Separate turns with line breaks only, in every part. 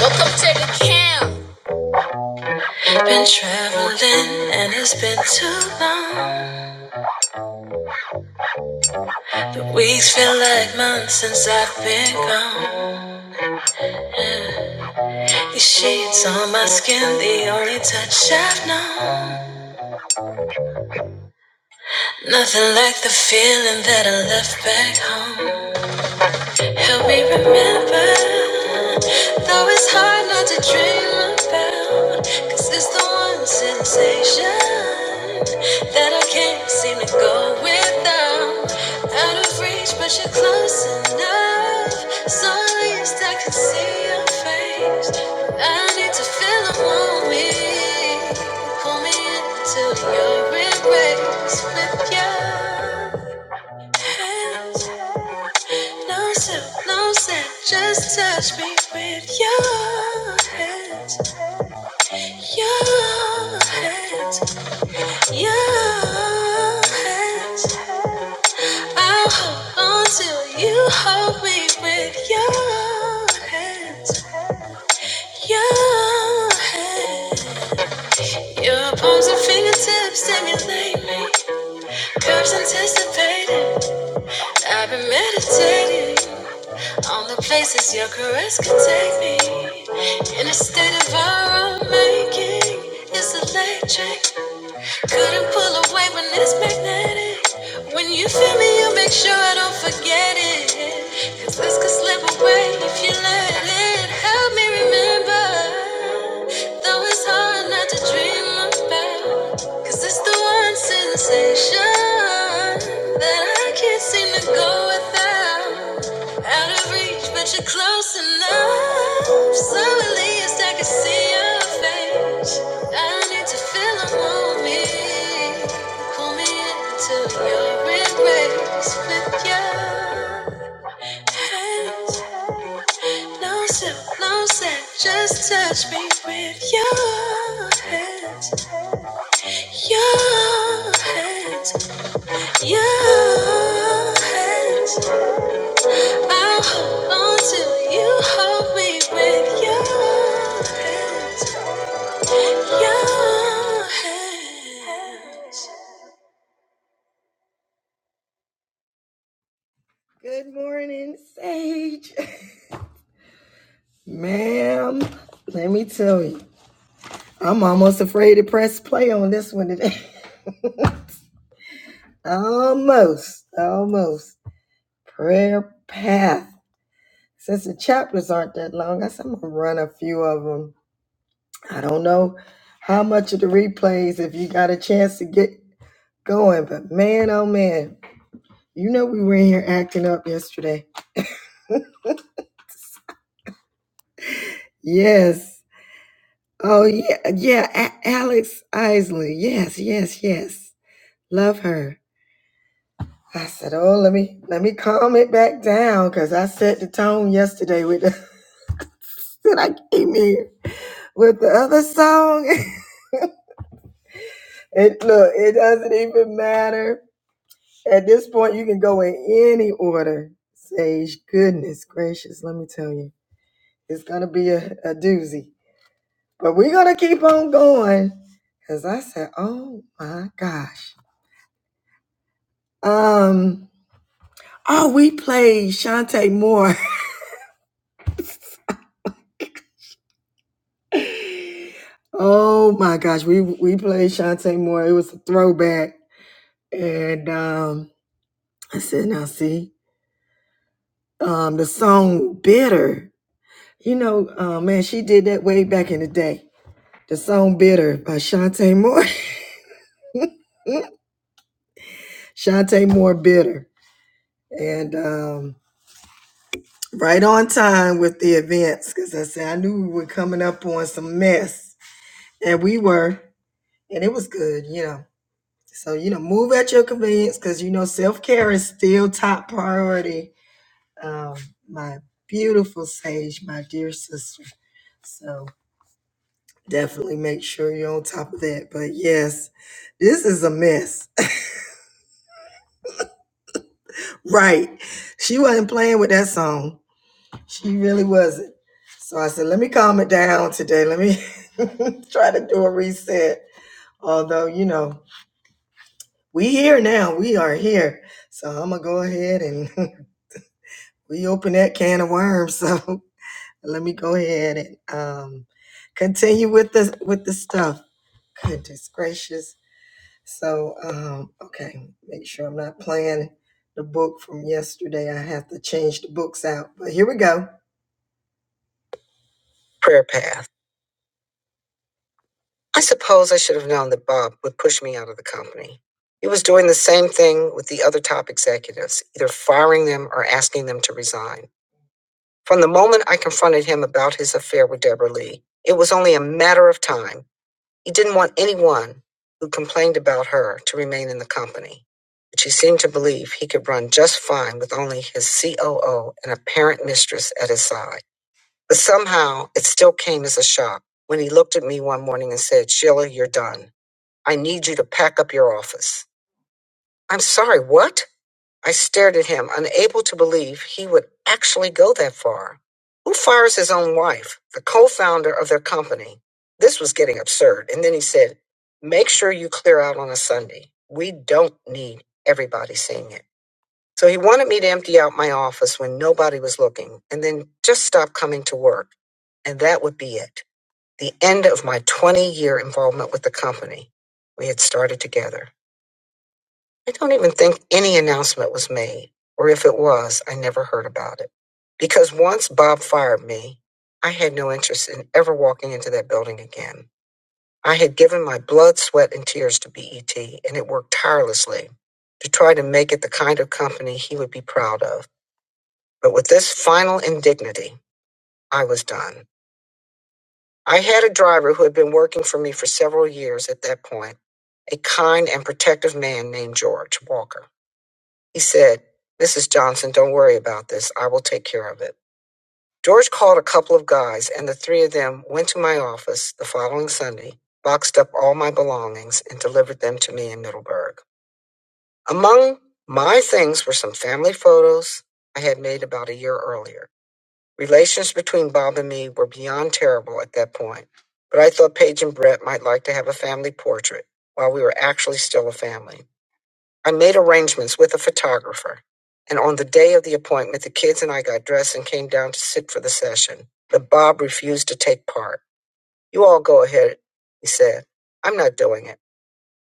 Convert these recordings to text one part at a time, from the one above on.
Welcome to the camp. Been more than we like months since I've been gone. These sheets on my skin, the only touch I've known. Nothing like the feeling that I left back home. Help me remember, though it's hard not to dream about. Cause it's the one sensation that I can't seem to go without. Out of reach, but you're close enough. So at least I can see your face. I need to feel a moment. Pull me into your embrace with you. No sip, no sip, just touch me with your hands, your hands, your hands. I'll hold on till you hold me with your hands, your hands. Your palms and fingertips stimulate me. Curves anticipating. I've been meditating. Only places your caress can take me. In a state of our own making, it's electric. Couldn't pull away when it's magnetic. When you feel me, you make sure I don't forget it. Cause this could slip away if you let it. Help me remember, though it's hard not to dream about. 'Cause it's the one sensation that I can't seem to go without. Out of reach, but you're close enough. So at least I can see your face. I need to feel a moment. Pull me into your embrace with you. No sip, no set, just touch me with your hands, your hands, your hands. I'll hold on till you hold me with your hands, your hands. Prayer path. I suppose I should have known that Bob would push me out of the company. He was doing the same thing with the other top executives, either firing them or asking them to resign. From the moment I confronted him about his affair with Deborah Lee, it was only a matter of time. He didn't want anyone who complained about her to remain in the company, which he seemed to believe he could run just fine with only his COO and apparent mistress at his side. But somehow, it still came as a shock when he looked at me one morning and said, Sheila, you're done. I need you to pack up your office. I'm sorry, what? I stared at him, unable to believe he would actually go that far. Who fires his own wife, the co founder of their company? This was getting absurd. And then he said, Make sure you clear out on a Sunday. We don't need everybody seeing it. So he wanted me to empty out my office when nobody was looking and then just stop coming to work. And that would be it. The end of my 20 year involvement with the company. We had started together. I don't even think any announcement was made, or if it was, I never heard about it. Because once Bob fired me, I had no interest in ever walking into that building again. I had given my blood, sweat, and tears to BET, and it worked tirelessly to try to make it the kind of company he would be proud of. But with this final indignity, I was done. I had a driver who had been working for me for several years at that point, a kind and protective man named George Walker. He said, Mrs. Johnson, don't worry about this. I will take care of it. George called a couple of guys, and the three of them went to my office the following Sunday, boxed up all my belongings, and delivered them to me in Middleburg. Among my things were some family photos I had made about a year earlier. Relations between Bob and me were beyond terrible at that point, but I thought Paige and Brett might like to have a family portrait while we were actually still a family. I made arrangements with a photographer, and on the day of the appointment, the kids and I got dressed and came down to sit for the session. But Bob refused to take part. You all go ahead, he said. I'm not doing it.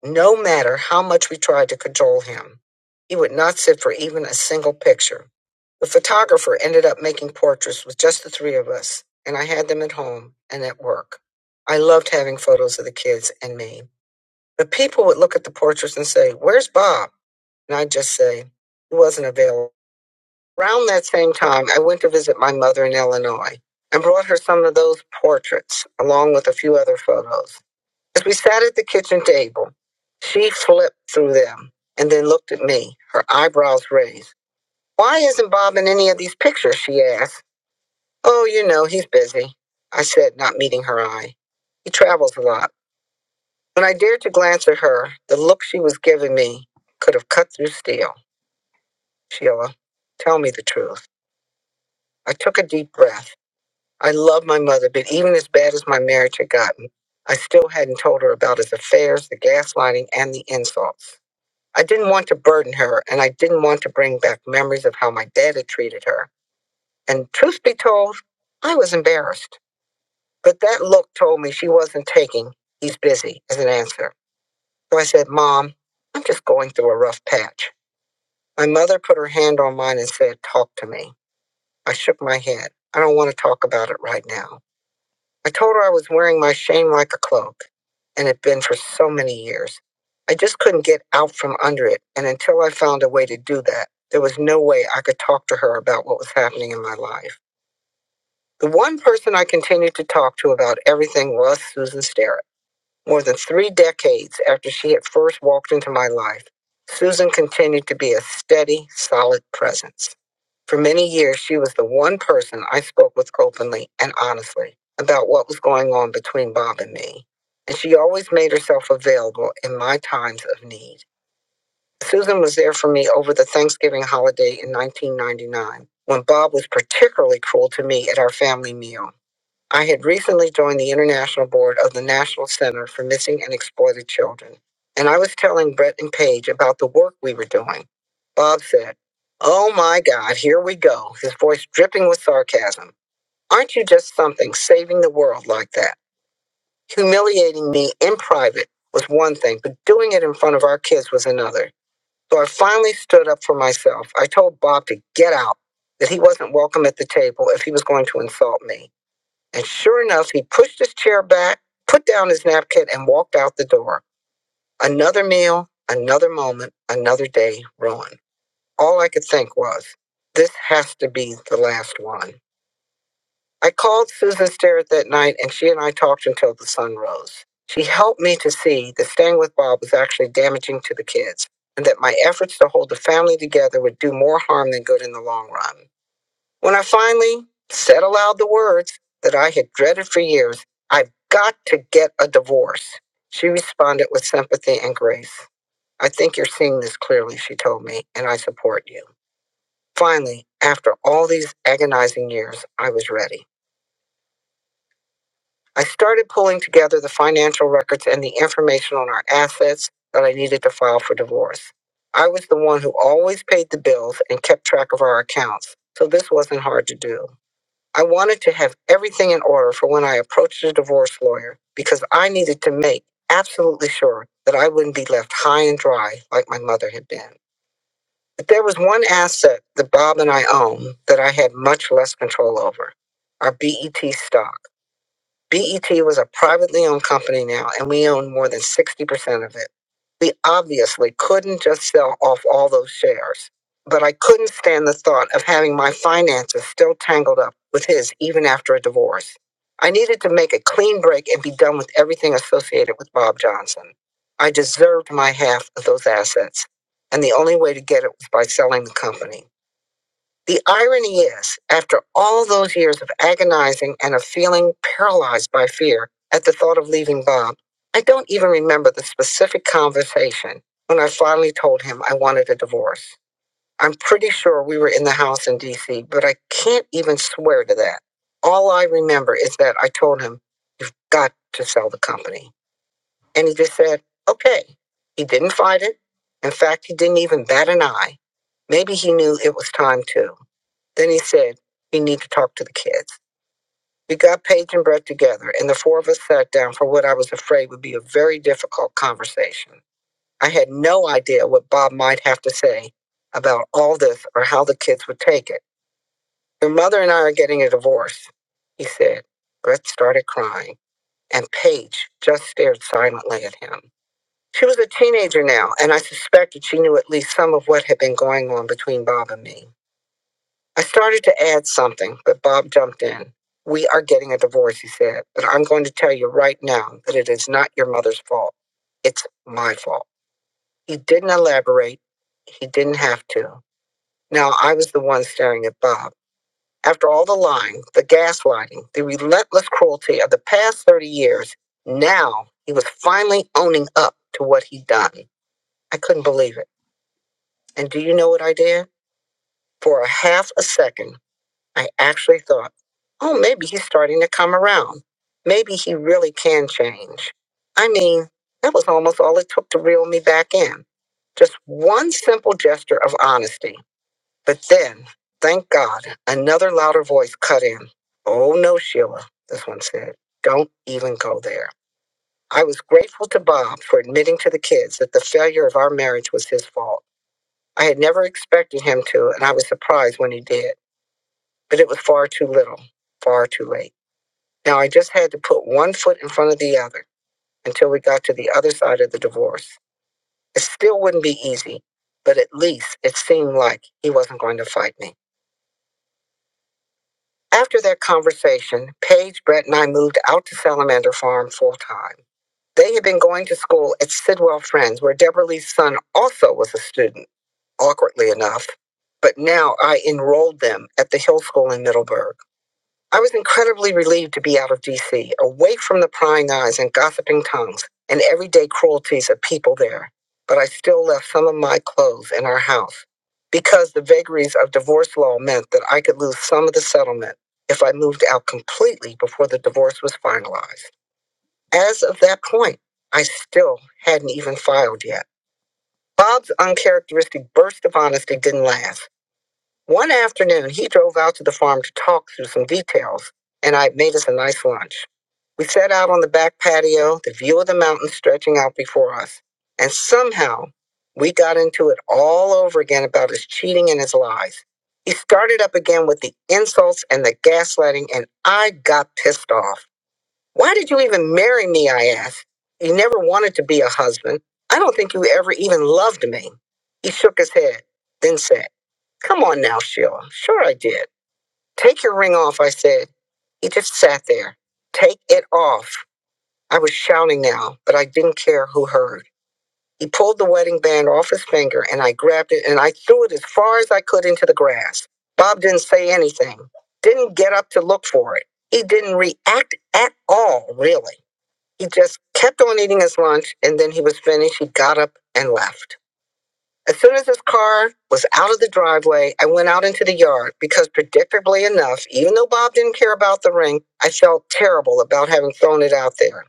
No matter how much we tried to cajole him, he would not sit for even a single picture. The photographer ended up making portraits with just the three of us, and I had them at home and at work. I loved having photos of the kids and me. But people would look at the portraits and say, Where's Bob? And I just say, it wasn't available. Around that same time, I went to visit my mother in Illinois and brought her some of those portraits along with a few other photos. As we sat at the kitchen table, she flipped through them and then looked at me, her eyebrows raised. Why isn't Bob in any of these pictures? she asked. Oh, you know, he's busy, I said, not meeting her eye. He travels a lot. When I dared to glance at her, the look she was giving me could have cut through steel. Sheila, tell me the truth. I took a deep breath. I loved my mother, but even as bad as my marriage had gotten, I still hadn't told her about his affairs, the gaslighting, and the insults. I didn't want to burden her, and I didn't want to bring back memories of how my dad had treated her. And truth be told, I was embarrassed. But that look told me she wasn't taking, he's busy, as an answer. So I said, Mom, I'm just going through a rough patch. My mother put her hand on mine and said, Talk to me. I shook my head. I don't want to talk about it right now. I told her I was wearing my shame like a cloak and had been for so many years. I just couldn't get out from under it, and until I found a way to do that, there was no way I could talk to her about what was happening in my life. The one person I continued to talk to about everything was Susan Sterrett. More than three decades after she had first walked into my life, Susan continued to be a steady, solid presence. For many years, she was the one person I spoke with openly and honestly about what was going on between Bob and me, and she always made herself available in my times of need. Susan was there for me over the Thanksgiving holiday in 1999 when Bob was particularly cruel to me at our family meal. I had recently joined the International Board of the National Center for Missing and Exploited Children, and I was telling Brett and Paige about the work we were doing. Bob said, Oh my God, here we go, his voice dripping with sarcasm. Aren't you just something, saving the world like that? Humiliating me in private was one thing, but doing it in front of our kids was another. So I finally stood up for myself. I told Bob to get out, that he wasn't welcome at the table if he was going to insult me. And sure enough, he pushed his chair back, put down his napkin, and walked out the door. Another meal, another moment, another day ruined. All I could think was, this has to be the last one. I called Susan Sterrett that night, and she and I talked until the sun rose. She helped me to see that staying with Bob was actually damaging to the kids, and that my efforts to hold the family together would do more harm than good in the long run. When I finally said aloud the words that I had dreaded for years, I've got to get a divorce, she responded with sympathy and grace. I think you're seeing this clearly, she told me, and I support you. Finally, after all these agonizing years, I was ready. I started pulling together the financial records and the information on our assets that I needed to file for divorce. I was the one who always paid the bills and kept track of our accounts, so this wasn't hard to do. I wanted to have everything in order for when I approached a divorce lawyer because I needed to make absolutely sure that I wouldn't be left high and dry like my mother had been. But there was one asset that Bob and I own that I had much less control over our BET stock. BET was a privately owned company now, and we own more than 60% of it. We obviously couldn't just sell off all those shares. But I couldn't stand the thought of having my finances still tangled up with his even after a divorce. I needed to make a clean break and be done with everything associated with Bob Johnson. I deserved my half of those assets, and the only way to get it was by selling the company. The irony is, after all those years of agonizing and of feeling paralyzed by fear at the thought of leaving Bob, I don't even remember the specific conversation when I finally told him I wanted a divorce. I'm pretty sure we were in the house in DC, but I can't even swear to that. All I remember is that I told him, You've got to sell the company. And he just said, Okay. He didn't fight it. In fact, he didn't even bat an eye. Maybe he knew it was time to. Then he said, "You need to talk to the kids." We got Paige and Brett together, and the four of us sat down for what I was afraid would be a very difficult conversation. I had no idea what Bob might have to say about all this or how the kids would take it. Your mother and I are getting a divorce, he said. Brett started crying, and Paige just stared silently at him. She was a teenager now, and I suspected she knew at least some of what had been going on between Bob and me. I started to add something, but Bob jumped in. We are getting a divorce, he said, but I'm going to tell you right now that it is not your mother's fault. It's my fault. He didn't elaborate. He didn't have to. Now I was the one staring at Bob. After all the lying, the gaslighting, the relentless cruelty of the past 30 years, now he was finally owning up to what he'd done. I couldn't believe it. And do you know what I did? For a half a second, I actually thought, oh, maybe he's starting to come around. Maybe he really can change. I mean, that was almost all it took to reel me back in. Just one simple gesture of honesty. But then, thank God, another louder voice cut in. Oh, no, Sheila, this one said. Don't even go there. I was grateful to Bob for admitting to the kids that the failure of our marriage was his fault. I had never expected him to, and I was surprised when he did but it was far too little, far too late. Now I just had to put one foot in front of the other until we got to the other side of the divorce. It still wouldn't be easy, but at least it seemed like he wasn't going to fight me. After that conversation, Paige, Brett, and I moved out to Salamander Farm full time. They had been going to school at Sidwell Friends, where Deborah Lee's son also was a student, awkwardly enough. But now I enrolled them at the Hill School in Middleburg. I was incredibly relieved to be out of DC, away from the prying eyes and gossiping tongues and everyday cruelties of people there. But I still left some of my clothes in our house because the vagaries of divorce law meant that I could lose some of the settlement if I moved out completely before the divorce was finalized. As of that point, I still hadn't even filed yet. Bob's uncharacteristic burst of honesty didn't last. One afternoon, he drove out to the farm to talk through some details, and I made us a nice lunch. We sat out on the back patio, the view of the mountains stretching out before us, and somehow we got into it all over again about his cheating and his lies. He started up again with the insults and the gaslighting, and I got pissed off. Why did you even marry me? I asked. You never wanted to be a husband. I don't think you ever even loved me. He shook his head, then said, Come on now, Sheila. Sure, I did. Take your ring off, I said. He just sat there. Take it off. I was shouting now, but I didn't care who heard. He pulled the wedding band off his finger, and I grabbed it and I threw it as far as I could into the grass. Bob didn't say anything, didn't get up to look for it. He didn't react at all, really. He just kept on eating his lunch, and then he was finished. He got up and left. As soon as his car was out of the driveway, I went out into the yard because, predictably enough, even though Bob didn't care about the ring, I felt terrible about having thrown it out there.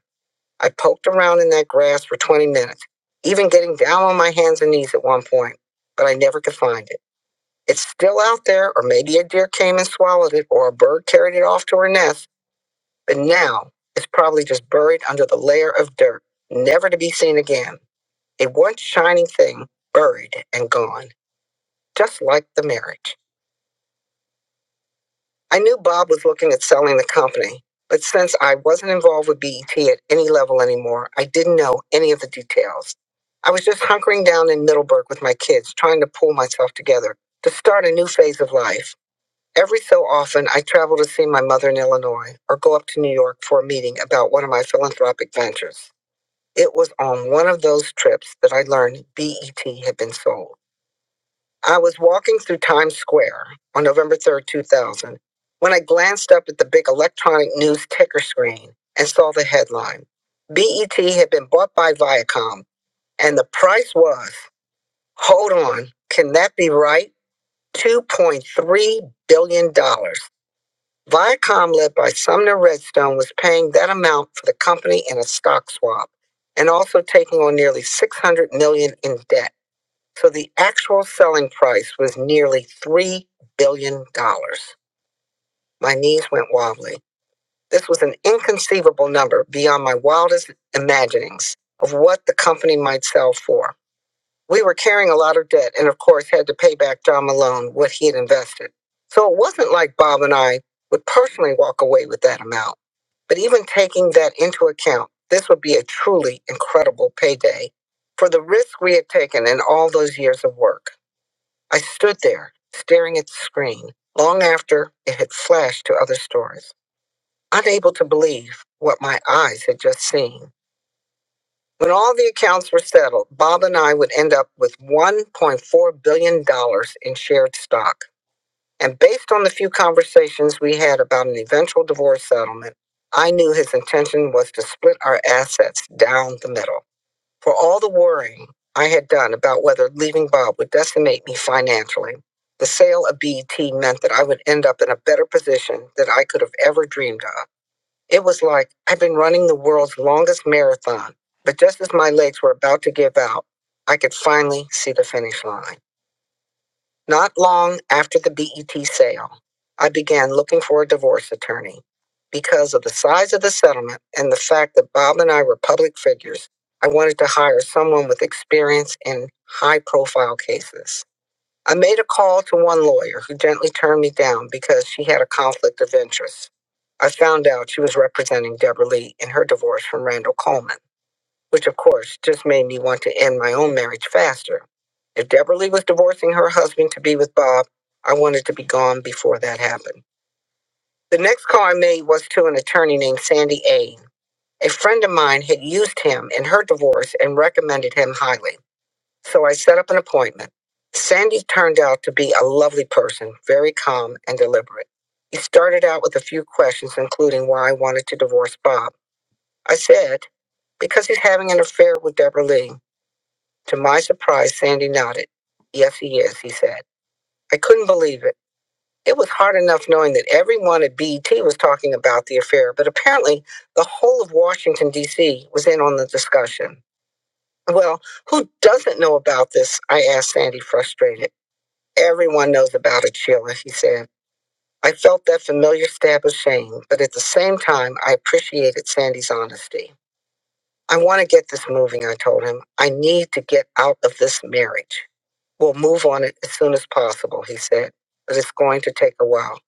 I poked around in that grass for 20 minutes, even getting down on my hands and knees at one point, but I never could find it. It's still out there, or maybe a deer came and swallowed it, or a bird carried it off to her nest, but now it's probably just buried under the layer of dirt, never to be seen again. A once shining thing, buried and gone just like the marriage. I knew Bob was looking at selling the company, but since I wasn't involved with BET at any level anymore, I didn't know any of the details. I was just hunkering down in Middleburg with my kids, trying to pull myself together to start a new phase of life. Every so often, I travel to see my mother in Illinois or go up to New York for a meeting about one of my philanthropic ventures. It was on one of those trips that I learned BET had been sold. I was walking through Times Square on November 3rd, 2000, when I glanced up at the big electronic news ticker screen and saw the headline. BET had been bought by Viacom, and the price was, hold on, can that be right? $2.3 billion. dollars. Viacom, led by Sumner Redstone, was paying that amount for the company in a stock swap and also taking on nearly 600 million dollars in debt. So the actual selling price was nearly $3 billion. dollars. My knees went wobbly. This was an inconceivable number beyond my wildest imaginings of what the company might sell for. We were carrying a lot of debt and, of course, had to pay back John Malone what he had invested. So it wasn't like Bob and I would personally walk away with that amount. But even taking that into account, this would be a truly incredible payday for the risk we had taken in all those years of work. I stood there, staring at the screen, long after it had flashed to other stores, unable to believe what my eyes had just seen. When all the accounts were settled, Bob and I would end up with $1.4 billion dollars in shared stock. And based on the few conversations we had about an eventual divorce settlement, I knew his intention was to split our assets down the middle. For all the worrying I had done about whether leaving Bob would decimate me financially, the sale of BET meant that I would end up in a better position than I could have ever dreamed of. It was like I'd been running the world's longest marathon, but just as my legs were about to give out, I could finally see the finish line. Not long after the BET sale, I began looking for a divorce attorney. Because of the size of the settlement and the fact that Bob and I were public figures, I wanted to hire someone with experience in high profile cases. I made a call to one lawyer who gently turned me down because she had a conflict of interest. I found out she was representing Deborah Lee in her divorce from Randall Coleman which of course just made me want to end my own marriage faster. If Deborah Lee was divorcing her husband to be with Bob, I wanted to be gone before that happened. The next call I made was to an attorney named Sandy Ain. A friend of mine had used him in her divorce and recommended him highly, so I set up an appointment. Sandy turned out to be a lovely person, very calm and deliberate. He started out with a few questions, including why I wanted to divorce Bob. I said, because he's having an affair with Deborah Lee. To my surprise, Sandy nodded. Yes, he is, he said. I couldn't believe it. It was hard enough knowing that everyone at BET was talking about the affair, but apparently the whole of Washington, D.C. was in on the discussion. Well, who doesn't know about this? I asked Sandy, frustrated. Everyone knows about it, Sheila, he said. I felt that familiar stab of shame, but at the same time, I appreciated Sandy's honesty. I want to get this moving, I told him. I need to get out of this marriage. We'll move on it as soon as possible, he said, but it's going to take a while.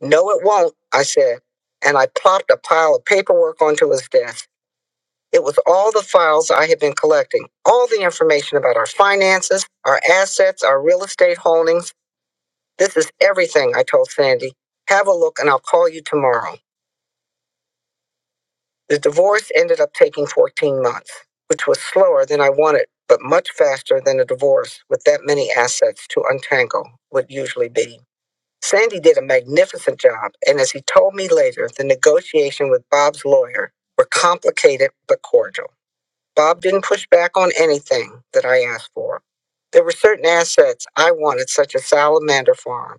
No, it won't, I said, and I plopped a pile of paperwork onto his desk. It was all the files I had been collecting, all the information about our finances, our assets, our real estate holdings. This is everything, I told Sandy. Have a look and I'll call you tomorrow. The divorce ended up taking 14 months, which was slower than I wanted, but much faster than a divorce with that many assets to untangle would usually be. Sandy did a magnificent job, and as he told me later, the negotiation with Bob's lawyer were complicated but cordial. Bob didn't push back on anything that I asked for. There were certain assets I wanted, such as Salamander Farm,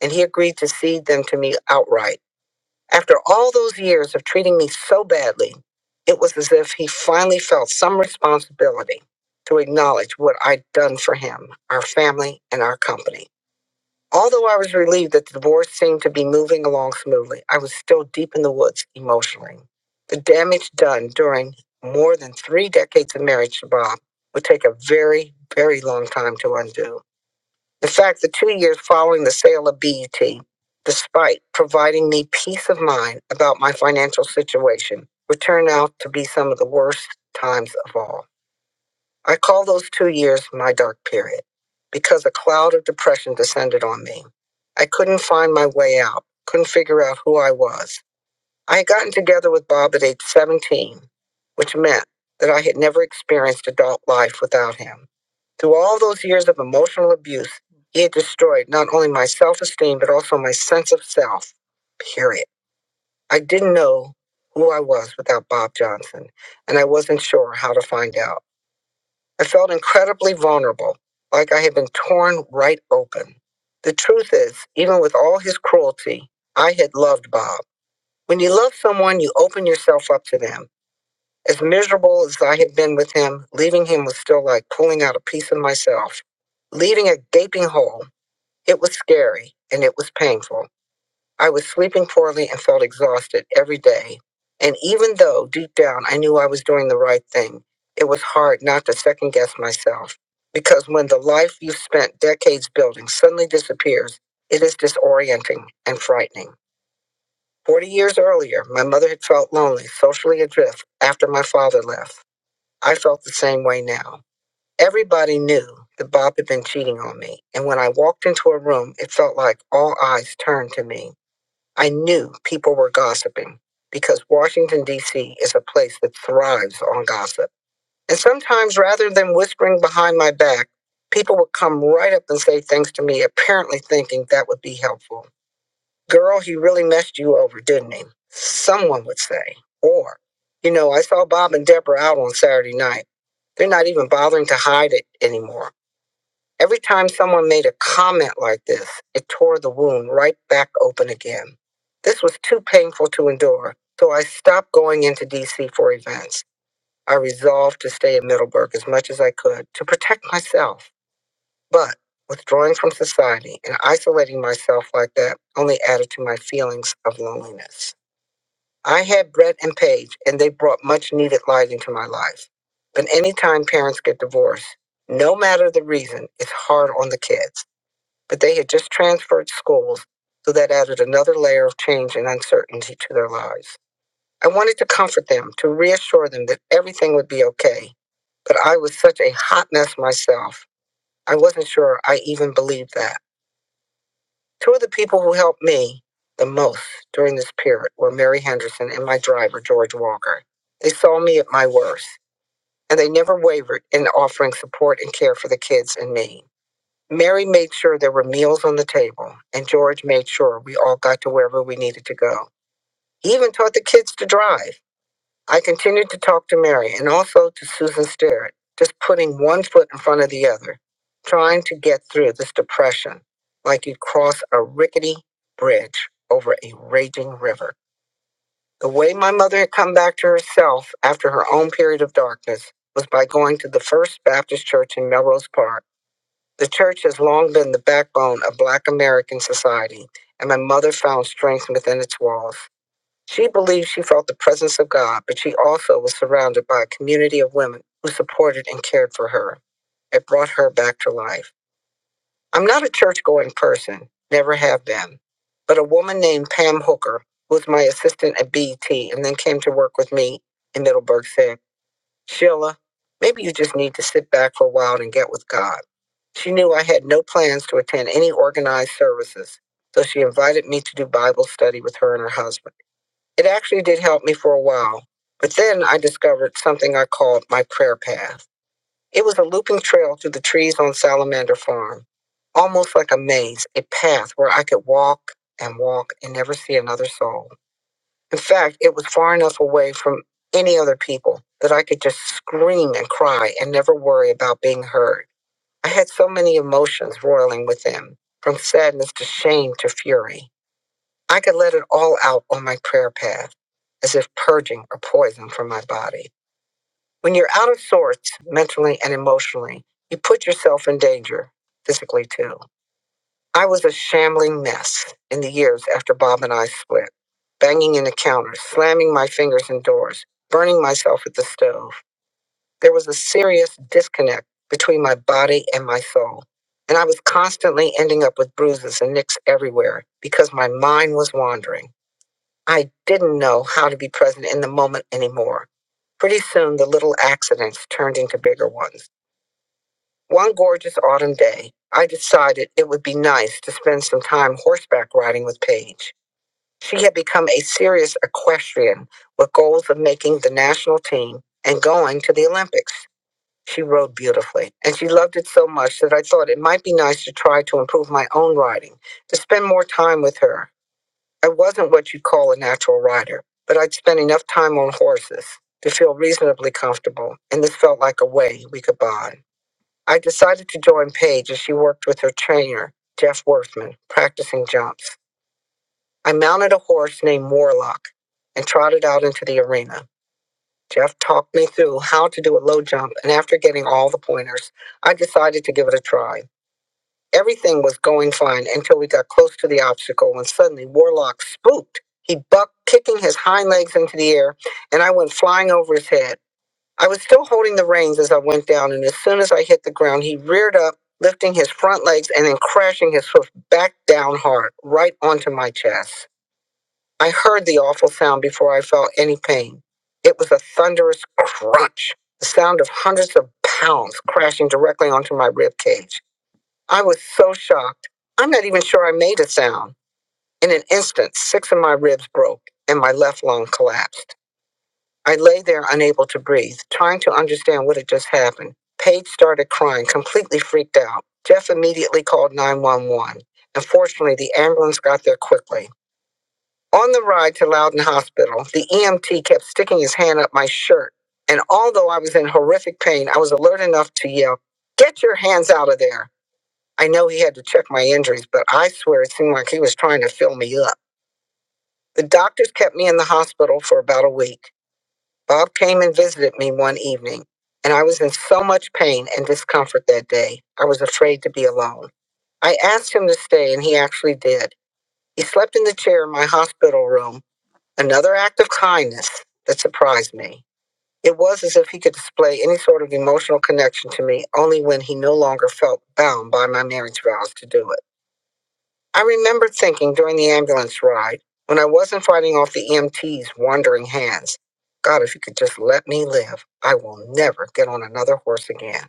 and he agreed to cede them to me outright. After all those years of treating me so badly, it was as if he finally felt some responsibility to acknowledge what I'd done for him, our family, and our company. Although I was relieved that the divorce seemed to be moving along smoothly, I was still deep in the woods emotionally. The damage done during more than three decades of marriage to Bob would take a very, very long time to undo. In fact, the two years following the sale of BET, despite providing me peace of mind about my financial situation, would turn out to be some of the worst times of all. I call those two years my dark period because a cloud of depression descended on me. I couldn't find my way out, couldn't figure out who I was. I had gotten together with Bob at age 17, which meant that I had never experienced adult life without him. Through all those years of emotional abuse, he had destroyed not only my self esteem, but also my sense of self, period. I didn't know who I was without Bob Johnson, and I wasn't sure how to find out. I felt incredibly vulnerable, like I had been torn right open. The truth is, even with all his cruelty, I had loved Bob. When you love someone, you open yourself up to them. As miserable as I had been with him, leaving him was still like pulling out a piece of myself, leaving a gaping hole. It was scary and it was painful. I was sleeping poorly and felt exhausted every day. And even though deep down I knew I was doing the right thing, it was hard not to second guess myself. Because when the life you've spent decades building suddenly disappears, it is disorienting and frightening. Forty years earlier, my mother had felt lonely, socially adrift after my father left. I felt the same way now. Everybody knew that Bob had been cheating on me, and when I walked into a room, it felt like all eyes turned to me. I knew people were gossiping because Washington, D.C. is a place that thrives on gossip. And sometimes, rather than whispering behind my back, people would come right up and say things to me, apparently thinking that would be helpful. Girl, he really messed you over, didn't he? Someone would say. Or, you know, I saw Bob and Deborah out on Saturday night. They're not even bothering to hide it anymore. Every time someone made a comment like this, it tore the wound right back open again. This was too painful to endure, so I stopped going into DC for events. I resolved to stay in Middleburg as much as I could to protect myself. But withdrawing from society and isolating myself like that only added to my feelings of loneliness. I had Brett and Paige, and they brought much needed light into my life. But anytime parents get divorced, no matter the reason, it's hard on the kids but they had just transferred schools, so that added another layer of change and uncertainty to their lives. I wanted to comfort them, to reassure them that everything would be okay, but I was such a hot mess myself. I wasn't sure I even believed that. Two of the people who helped me the most during this period were Mary Henderson and my driver, George Walker. They saw me at my worst, and they never wavered in offering support and care for the kids and me. Mary made sure there were meals on the table, and George made sure we all got to wherever we needed to go. He even taught the kids to drive. I continued to talk to Mary and also to Susan Sterrett, just putting one foot in front of the other, trying to get through this depression like you'd cross a rickety bridge over a raging river. The way my mother had come back to herself after her own period of darkness was by going to the First Baptist Church in Melrose Park the church has long been the backbone of Black American society, and my mother found strength within its walls. She believed she felt the presence of God, but she also was surrounded by a community of women who supported and cared for her. It brought her back to life. I'm not a church going person, never have been, but a woman named Pam Hooker, who was my assistant at BET and then came to work with me in Middleburg, said, Sheila, maybe you just need to sit back for a while and get with God. She knew I had no plans to attend any organized services, so she invited me to do Bible study with her and her husband. It actually did help me for a while, but then I discovered something I called my prayer path. It was a looping trail through the trees on Salamander Farm, almost like a maze, a path where I could walk and walk and never see another soul. In fact, it was far enough away from any other people that I could just scream and cry and never worry about being heard. I had so many emotions roiling within, from sadness to shame to fury. I could let it all out on my prayer path, as if purging a poison from my body. When you're out of sorts, mentally and emotionally, you put yourself in danger, physically too. I was a shambling mess in the years after Bob and I split, banging into counters, slamming my fingers in doors, burning myself at the stove. There was a serious disconnect between my body and my soul. And I was constantly ending up with bruises and nicks everywhere because my mind was wandering. I didn't know how to be present in the moment anymore. Pretty soon, the little accidents turned into bigger ones. One gorgeous autumn day, I decided it would be nice to spend some time horseback riding with Paige. She had become a serious equestrian with goals of making the national team and going to the Olympics. She rode beautifully, and she loved it so much that I thought it might be nice to try to improve my own riding, to spend more time with her. I wasn't what you'd call a natural rider, but I'd spent enough time on horses to feel reasonably comfortable, and this felt like a way we could bond. I decided to join Paige as she worked with her trainer, Jeff Worthman, practicing jumps. I mounted a horse named Warlock and trotted out into the arena. Jeff talked me through how to do a low jump, and after getting all the pointers, I decided to give it a try. Everything was going fine until we got close to the obstacle when suddenly Warlock spooked. He bucked, kicking his hind legs into the air, and I went flying over his head. I was still holding the reins as I went down, and as soon as I hit the ground, he reared up, lifting his front legs and then crashing his hoof back down hard, right onto my chest. I heard the awful sound before I felt any pain. It was a thunderous crunch, the sound of hundreds of pounds crashing directly onto my rib cage. I was so shocked. I'm not even sure I made a sound. In an instant, six of my ribs broke and my left lung collapsed. I lay there unable to breathe, trying to understand what had just happened. Paige started crying, completely freaked out. Jeff immediately called 911. and fortunately, the ambulance got there quickly. On the ride to Loudon Hospital, the EMT kept sticking his hand up my shirt. And although I was in horrific pain, I was alert enough to yell, Get your hands out of there. I know he had to check my injuries, but I swear it seemed like he was trying to fill me up. The doctors kept me in the hospital for about a week. Bob came and visited me one evening, and I was in so much pain and discomfort that day, I was afraid to be alone. I asked him to stay, and he actually did. He slept in the chair in my hospital room, another act of kindness that surprised me. It was as if he could display any sort of emotional connection to me only when he no longer felt bound by my marriage vows to do it. I remember thinking during the ambulance ride, when I wasn't fighting off the EMT's wandering hands, God, if you could just let me live, I will never get on another horse again.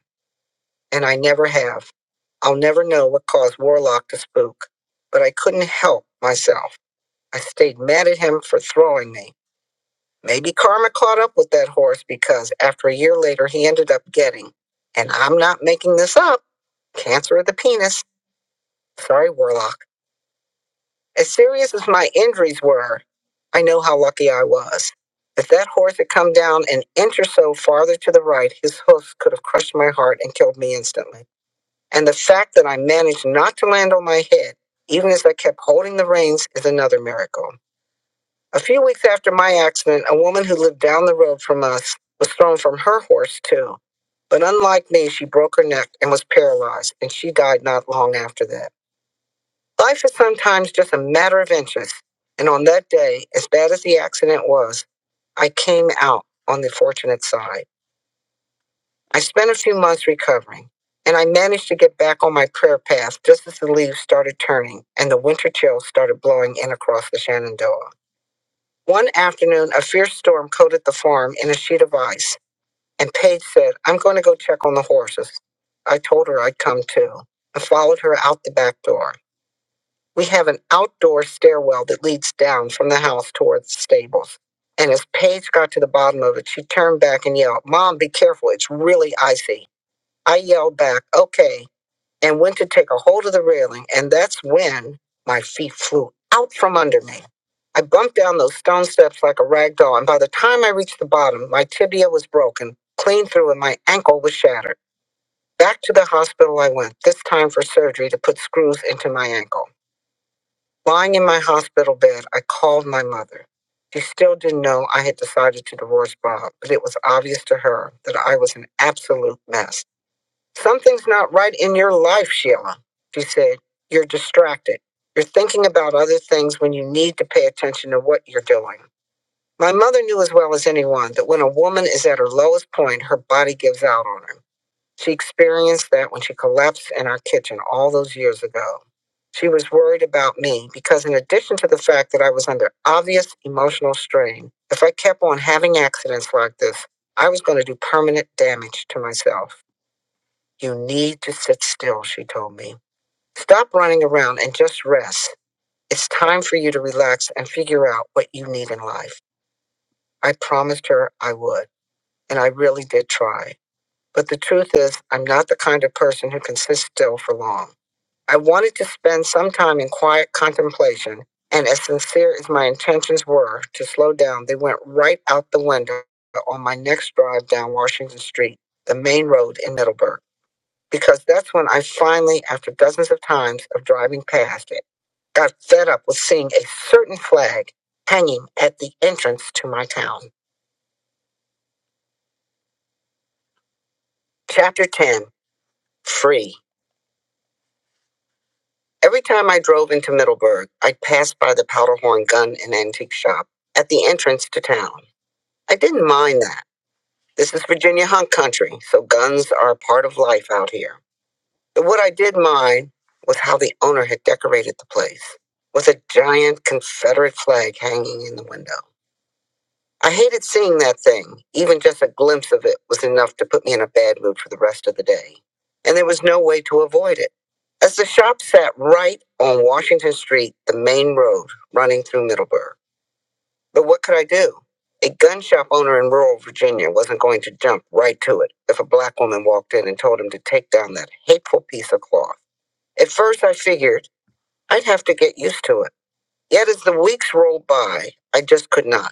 And I never have. I'll never know what caused Warlock to spook, but I couldn't help myself. I stayed mad at him for throwing me. Maybe karma caught up with that horse because after a year later, he ended up getting, and I'm not making this up, cancer of the penis. Sorry, Warlock. As serious as my injuries were, I know how lucky I was. If that horse had come down an inch or so farther to the right, his hoofs could have crushed my heart and killed me instantly. And the fact that I managed not to land on my head, even as I kept holding the reins, is another miracle. A few weeks after my accident, a woman who lived down the road from us was thrown from her horse, too. But unlike me, she broke her neck and was paralyzed, and she died not long after that. Life is sometimes just a matter of inches. And on that day, as bad as the accident was, I came out on the fortunate side. I spent a few months recovering, and I managed to get back on my prayer path just as the leaves started turning and the winter chills started blowing in across the Shenandoah. One afternoon, a fierce storm coated the farm in a sheet of ice, and Paige said, I'm going to go check on the horses. I told her I'd come too and followed her out the back door. We have an outdoor stairwell that leads down from the house towards the stables. And as Paige got to the bottom of it, she turned back and yelled, Mom, be careful. It's really icy. I yelled back, Okay, and went to take a hold of the railing. And that's when my feet flew out from under me. I bumped down those stone steps like a rag doll. And by the time I reached the bottom, my tibia was broken, clean through, and my ankle was shattered. Back to the hospital I went, this time for surgery to put screws into my ankle. Lying in my hospital bed, I called my mother. She still didn't know I had decided to divorce Bob, but it was obvious to her that I was an absolute mess. Something's not right in your life, Sheila, she said. You're distracted. You're thinking about other things when you need to pay attention to what you're doing. My mother knew as well as anyone that when a woman is at her lowest point, her body gives out on her. She experienced that when she collapsed in our kitchen all those years ago. She was worried about me because, in addition to the fact that I was under obvious emotional strain, if I kept on having accidents like this, I was going to do permanent damage to myself. You need to sit still, she told me. Stop running around and just rest. It's time for you to relax and figure out what you need in life. I promised her I would, and I really did try. But the truth is, I'm not the kind of person who can sit still for long. I wanted to spend some time in quiet contemplation, and as sincere as my intentions were to slow down, they went right out the window on my next drive down Washington Street, the main road in Middleburg, because that's when I finally, after dozens of times of driving past it, got fed up with seeing a certain flag hanging at the entrance to my town. Chapter 10 Free. Every time I drove into Middleburg, I passed by the Powderhorn Gun and Antique Shop at the entrance to town. I didn't mind that. This is Virginia hunt country, so guns are a part of life out here. But what I did mind was how the owner had decorated the place, with a giant Confederate flag hanging in the window. I hated seeing that thing. Even just a glimpse of it was enough to put me in a bad mood for the rest of the day. And there was no way to avoid it. As the shop sat right on Washington Street, the main road running through Middleburg. But what could I do? A gun shop owner in rural Virginia wasn't going to jump right to it if a black woman walked in and told him to take down that hateful piece of cloth. At first, I figured I'd have to get used to it. Yet as the weeks rolled by, I just could not.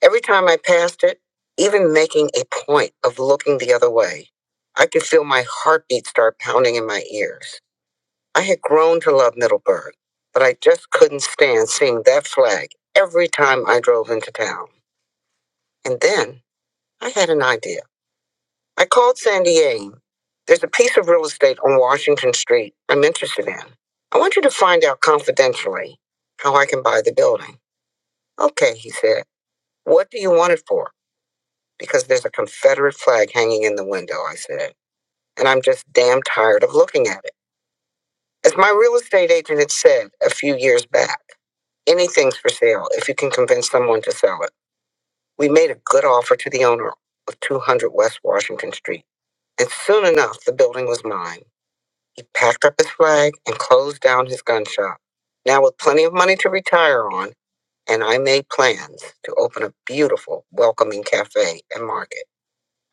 Every time I passed it, even making a point of looking the other way, I could feel my heartbeat start pounding in my ears. I had grown to love Middleburg, but I just couldn't stand seeing that flag every time I drove into town. And then I had an idea. I called Sandy Aim. There's a piece of real estate on Washington Street I'm interested in. I want you to find out confidentially how I can buy the building. Okay, he said. What do you want it for? Because there's a Confederate flag hanging in the window, I said. And I'm just damn tired of looking at it. As my real estate agent had said a few years back, anything's for sale if you can convince someone to sell it. We made a good offer to the owner of 200 West Washington Street. And soon enough, the building was mine. He packed up his flag and closed down his gun shop. Now, with plenty of money to retire on, and I made plans to open a beautiful, welcoming cafe and market.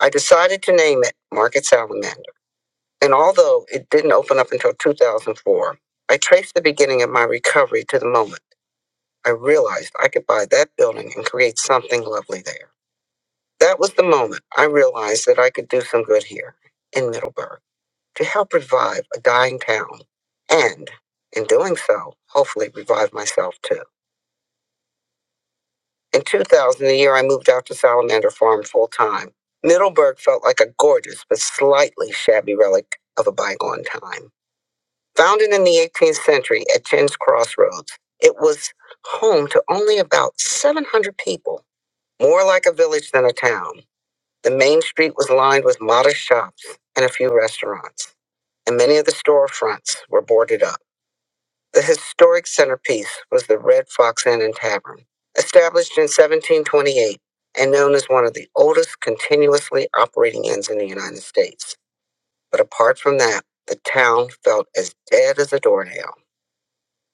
I decided to name it Market Salamander. And although it didn't open up until 2004, I traced the beginning of my recovery to the moment I realized I could buy that building and create something lovely there. That was the moment I realized that I could do some good here in Middleburg to help revive a dying town and, in doing so, hopefully revive myself too. In 2000, the year I moved out to Salamander Farm full time, Middleburg felt like a gorgeous but slightly shabby relic of a bygone time. Founded in the 18th century at Chin's Crossroads, it was home to only about 700 people, more like a village than a town. The main street was lined with modest shops and a few restaurants, and many of the storefronts were boarded up. The historic centerpiece was the Red Fox Inn and Tavern, established in 1728 and known as one of the oldest continuously operating inns in the United States. But apart from that, the town felt as dead as a doornail.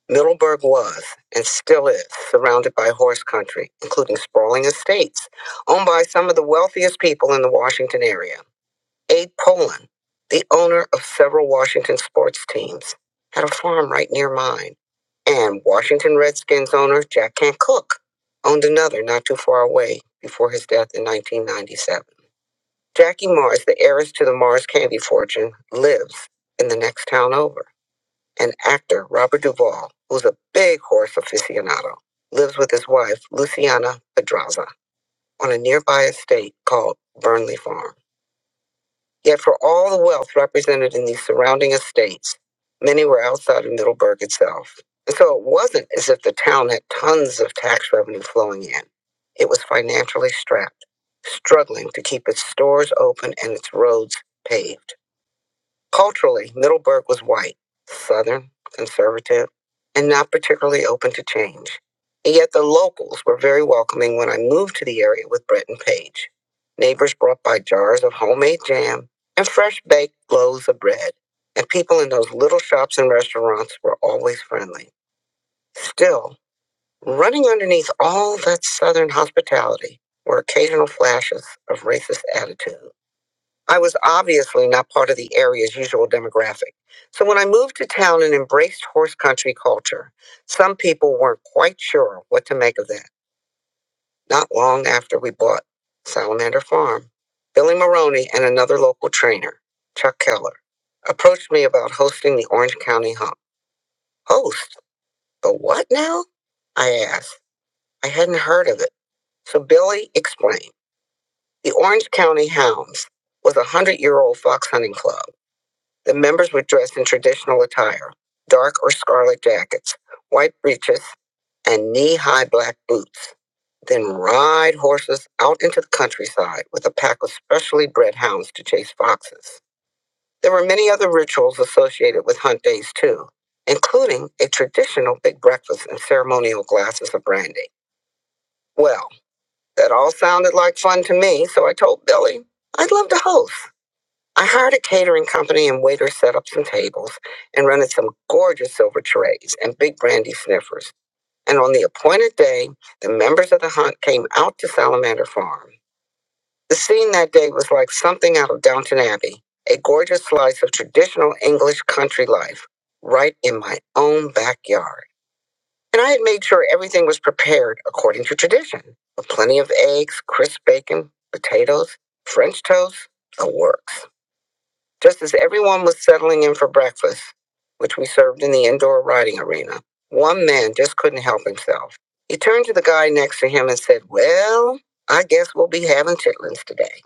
Middleburg was, and still is, surrounded by horse country, including sprawling estates owned by some of the wealthiest people in the Washington area. Abe Poland, the owner of several Washington sports teams, had a farm right near mine, and Washington Redskins owner Jack Kent Cooke owned another not too far away before his death in 1997. Jackie Mars, the heiress to the Mars candy fortune, lives in the next town over. And actor Robert Duvall, who's a big horse aficionado, lives with his wife, Luciana Pedraza, on a nearby estate called Burnley Farm. Yet for all the wealth represented in these surrounding estates, many were outside of Middleburg itself. And so it wasn't as if the town had tons of tax revenue flowing in. It was financially strapped, struggling to keep its stores open and its roads paved. Culturally, Middleburg was white, Southern, conservative, and not particularly open to change. And yet the locals were very welcoming when I moved to the area with Brett and Page. Neighbors brought by jars of homemade jam and fresh baked loaves of bread, and people in those little shops and restaurants were always friendly. Still, running underneath all that Southern hospitality were occasional flashes of racist attitudes I was obviously not part of the area's usual demographic. So when I moved to town and embraced horse country culture, some people weren't quite sure what to make of that. Not long after we bought Salamander Farm, Billy Maroney and another local trainer, Chuck Keller, approached me about hosting the Orange County Hump. Host? The what now? I asked. I hadn't heard of it. So Billy explained. The Orange County Hounds was a 100 year old fox hunting club The members were dressed in traditional attire, dark or scarlet jackets, white breeches, and knee high black boots. Then ride horses out into the countryside with a pack of specially bred hounds to chase foxes. There were many other rituals associated with hunt days, too, including a traditional big breakfast and ceremonial glasses of brandy. Well, that all sounded like fun to me, so I told Billy, I'd love to host. I hired a catering company and waiter set up some tables and rented some gorgeous silver trays and big brandy sniffers. And on the appointed day, the members of the hunt came out to Salamander Farm. The scene that day was like something out of Downton Abbey, a gorgeous slice of traditional English country life right in my own backyard. And I had made sure everything was prepared according to tradition, with plenty of eggs, crisp bacon, potatoes, French toast, the works. Just as everyone was settling in for breakfast, which we served in the indoor riding arena, one man just couldn't help himself. He turned to the guy next to him and said, Well, I guess we'll be having chitlins today.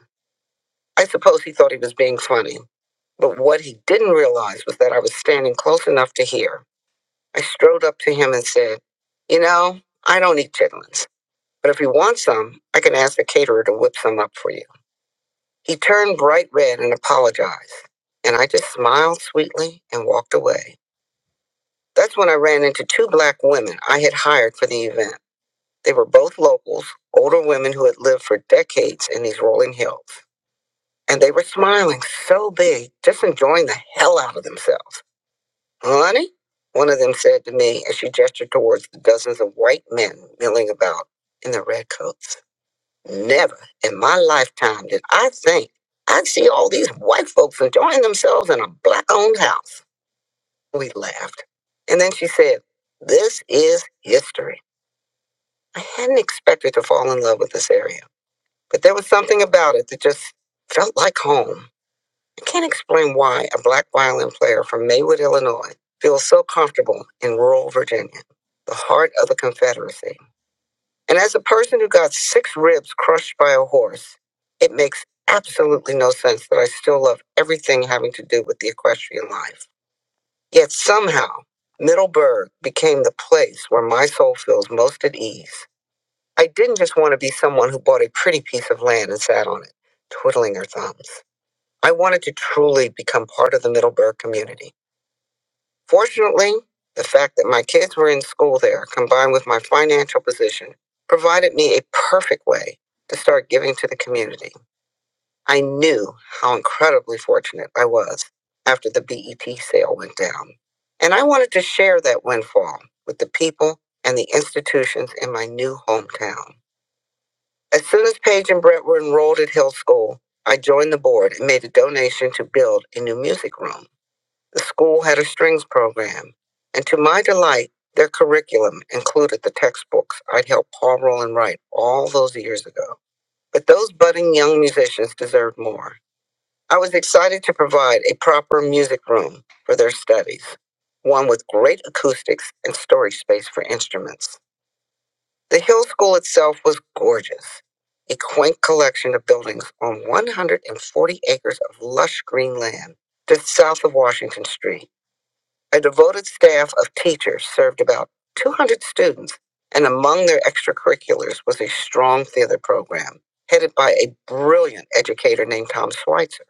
I suppose he thought he was being funny, but what he didn't realize was that I was standing close enough to hear. I strode up to him and said, You know, I don't eat chitlins, but if you want some, I can ask the caterer to whip some up for you. He turned bright red and apologized, and I just smiled sweetly and walked away. That's when I ran into two black women I had hired for the event. They were both locals, older women who had lived for decades in these rolling hills. And they were smiling so big, just enjoying the hell out of themselves. Honey? One of them said to me as she gestured towards the dozens of white men milling about in their red coats. Never in my lifetime did I think I'd see all these white folks enjoying themselves in a black owned house. We laughed. And then she said, This is history. I hadn't expected to fall in love with this area, but there was something about it that just felt like home. I can't explain why a black violin player from Maywood, Illinois feels so comfortable in rural Virginia, the heart of the Confederacy. And as a person who got six ribs crushed by a horse, it makes absolutely no sense that I still love everything having to do with the equestrian life. Yet somehow, Middleburg became the place where my soul feels most at ease. I didn't just want to be someone who bought a pretty piece of land and sat on it, twiddling her thumbs. I wanted to truly become part of the Middleburg community. Fortunately, the fact that my kids were in school there, combined with my financial position, provided me a perfect way to start giving to the community. I knew how incredibly fortunate I was after the BET sale went down. And I wanted to share that windfall with the people and the institutions in my new hometown. As soon as Paige and Brett were enrolled at Hill School, I joined the board and made a donation to build a new music room. The school had a strings program, and to my delight, their curriculum included the textbooks I'd helped Paul Roland write all those years ago. But those budding young musicians deserved more. I was excited to provide a proper music room for their studies, one with great acoustics and storage space for instruments. The Hill School itself was gorgeous, a quaint collection of buildings on 140 acres of lush green land just south of Washington Street. A devoted staff of teachers served about 200 students, and among their extracurriculars was a strong theater program headed by a brilliant educator named Tom Schweitzer.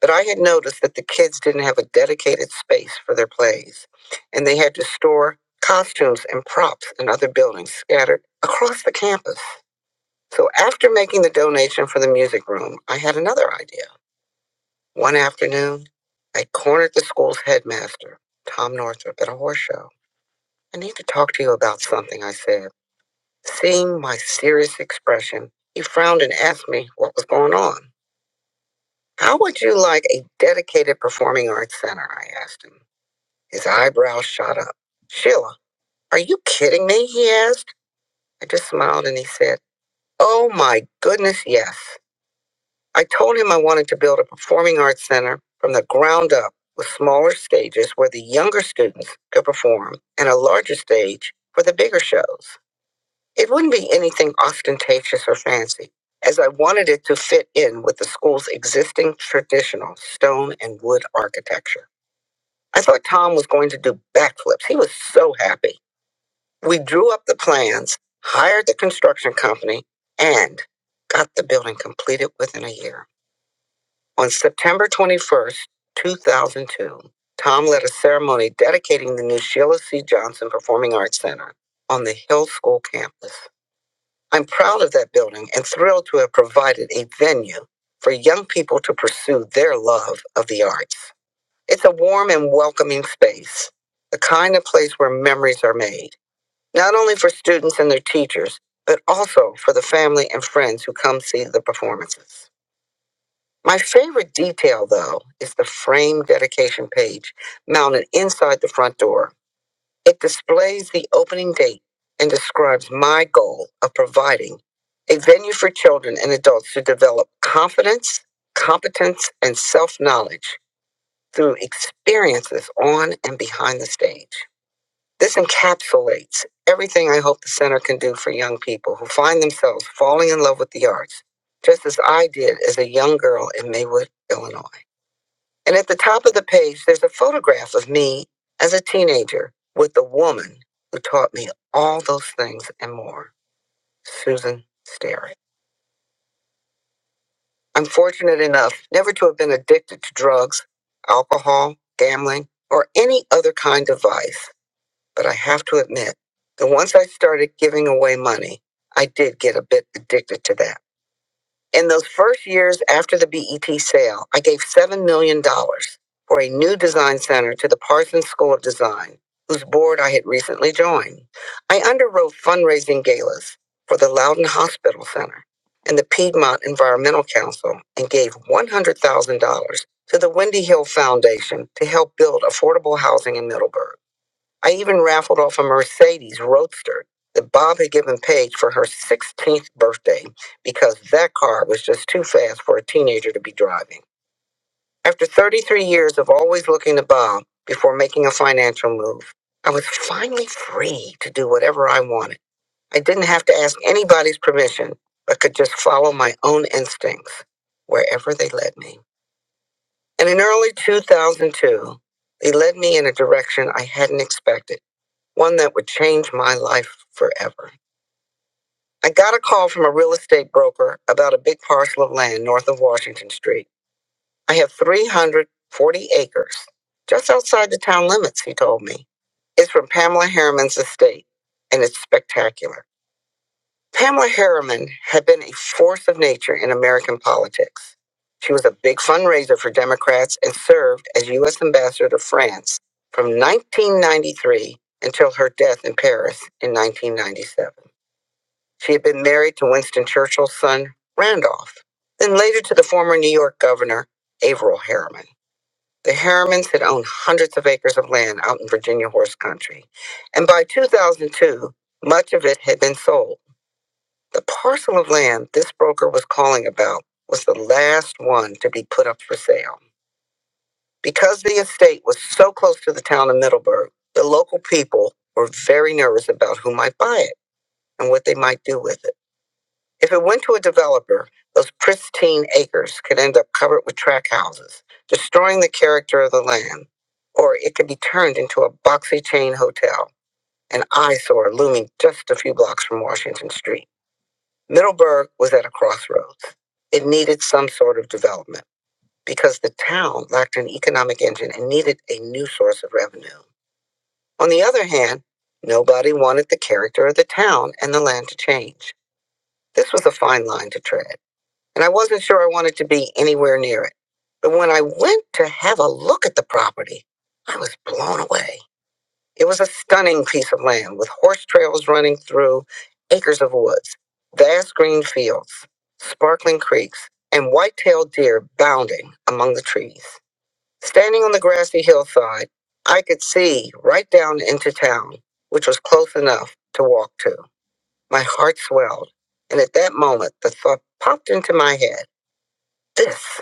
But I had noticed that the kids didn't have a dedicated space for their plays, and they had to store costumes and props in other buildings scattered across the campus. So after making the donation for the music room, I had another idea. One afternoon, I cornered the school's headmaster, Tom Northrup, at a horse show. I need to talk to you about something, I said. Seeing my serious expression, he frowned and asked me what was going on. How would you like a dedicated performing arts center? I asked him. His eyebrows shot up. Sheila, are you kidding me? He asked. I just smiled and he said, Oh my goodness, yes. I told him I wanted to build a performing arts center from the ground up with smaller stages where the younger students could perform and a larger stage for the bigger shows. It wouldn't be anything ostentatious or fancy, as I wanted it to fit in with the school's existing traditional stone and wood architecture. I thought Tom was going to do backflips. He was so happy. We drew up the plans, hired the construction company, and got the building completed within a year. On September 21st, 2002, Tom led a ceremony dedicating the new Sheila C. Johnson Performing Arts Center on the Hill School campus. I'm proud of that building and thrilled to have provided a venue for young people to pursue their love of the arts. It's a warm and welcoming space, the kind of place where memories are made, not only for students and their teachers, but also for the family and friends who come see the performances. My favorite detail, though, is the frame dedication page mounted inside the front door. It displays the opening date and describes my goal of providing a venue for children and adults to develop confidence, competence, and self knowledge through experiences on and behind the stage. This encapsulates everything I hope the center can do for young people who find themselves falling in love with the arts, just as I did as a young girl in Maywood, Illinois. And at the top of the page, there's a photograph of me as a teenager with the woman who taught me all those things and more, Susan Sterry. I'm fortunate enough never to have been addicted to drugs, alcohol, gambling, or any other kind of vice. But I have to admit that once I started giving away money, I did get a bit addicted to that. In those first years after the BET sale, I gave $7 million dollars for a new design center to the Parsons School of Design, whose board I had recently joined. I underwrote fundraising galas for the Loudon Hospital Center and the Piedmont Environmental Council and gave $100,000 to the Wendy Hill Foundation to help build affordable housing in Middleburg. I even raffled off a Mercedes Roadster that Bob had given Paige for her 16th birthday because that car was just too fast for a teenager to be driving. After 33 years of always looking to Bob before making a financial move, I was finally free to do whatever I wanted. I didn't have to ask anybody's permission, but could just follow my own instincts wherever they led me. And in early 2002, they led me in a direction I hadn't expected one that would change my life forever. I got a call from a real estate broker about a big parcel of land north of Washington Street. I have 340 acres just outside the town limits, he told me. It's from Pamela Harriman's estate, and it's spectacular. Pamela Harriman had been a force of nature in American politics. She was a big fundraiser for Democrats and served as U.S. Ambassador to France from 1993 until her death in Paris in 1997. She had been married to Winston Churchill's son, Randolph, then later to the former New York governor, Averill Harriman. The Harrimans had owned hundreds of acres of land out in Virginia horse country, and by 2002, much of it had been sold the parcel of land this broker was calling about was the last one to be put up for sale. Because the estate was so close to the town of Middleburg, the local people were very nervous about who might buy it and what they might do with it. If it went to a developer, those pristine acres could end up covered with track houses, destroying the character of the land, or it could be turned into a boxy chain hotel, an eyesore looming just a few blocks from Washington Street. Middleburg was at a crossroads. It needed some sort of development because the town lacked an economic engine and needed a new source of revenue. On the other hand, nobody wanted the character of the town and the land to change. This was a fine line to tread, and I wasn't sure I wanted to be anywhere near it. But when I went to have a look at the property, I was blown away. It was a stunning piece of land with horse trails running through acres of woods, vast green fields, sparkling creeks, and white-tailed deer bounding among the trees. Standing on the grassy hillside, I could see right down into town, which was close enough to walk to. My heart swelled, and at that moment, the thought popped into my head, this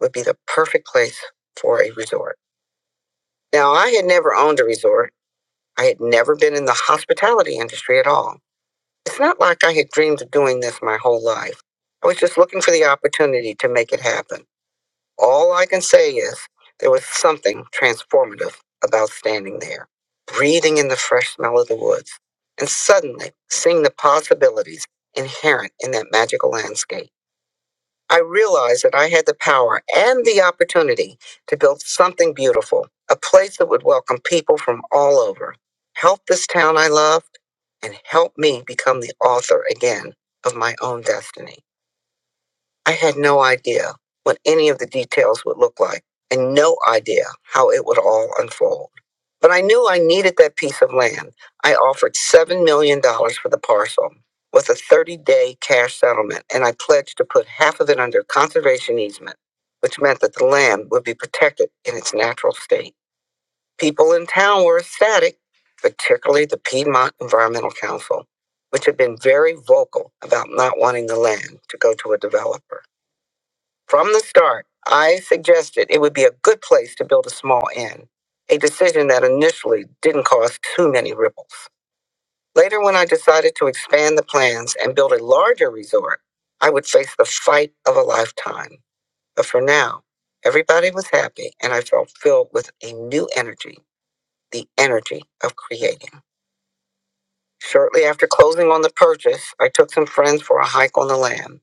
would be the perfect place for a resort. Now, I had never owned a resort I had never been in the hospitality industry at all. It's not like I had dreamed of doing this my whole life. I was just looking for the opportunity to make it happen. All I can say is there was something transformative about standing there, breathing in the fresh smell of the woods, and suddenly seeing the possibilities inherent in that magical landscape. I realized that I had the power and the opportunity to build something beautiful, a place that would welcome people from all over, help this town I loved, and help me become the author again of my own destiny. I had no idea what any of the details would look like and no idea how it would all unfold. But I knew I needed that piece of land. I offered $7 million dollars for the parcel with a 30 day cash settlement, and I pledged to put half of it under conservation easement, which meant that the land would be protected in its natural state. People in town were ecstatic, particularly the Piedmont Environmental Council, which had been very vocal about not wanting the land to go to a developer. From the start, I suggested it would be a good place to build a small inn, a decision that initially didn't cause too many ripples. Later, when I decided to expand the plans and build a larger resort, I would face the fight of a lifetime. But for now, everybody was happy and I felt filled with a new energy, the energy of creating. Shortly after closing on the purchase, I took some friends for a hike on the land.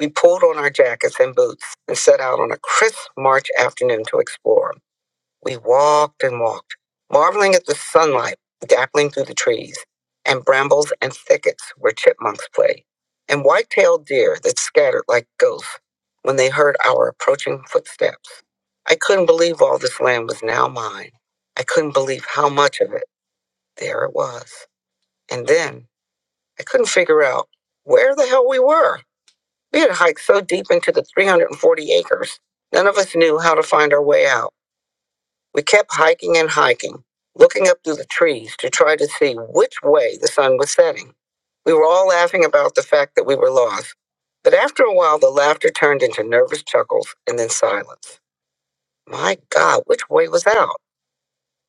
We pulled on our jackets and boots and set out on a crisp March afternoon to explore. We walked and walked, marveling at the sunlight dappling through the trees and brambles and thickets where chipmunks play, and white-tailed deer that scattered like ghosts when they heard our approaching footsteps. I couldn't believe all this land was now mine. I couldn't believe how much of it there it was. And then I couldn't figure out where the hell we were. We had hiked so deep into the 340 acres, none of us knew how to find our way out. We kept hiking and hiking, looking up through the trees to try to see which way the sun was setting. We were all laughing about the fact that we were lost, but after a while the laughter turned into nervous chuckles and then silence. My God, which way was out?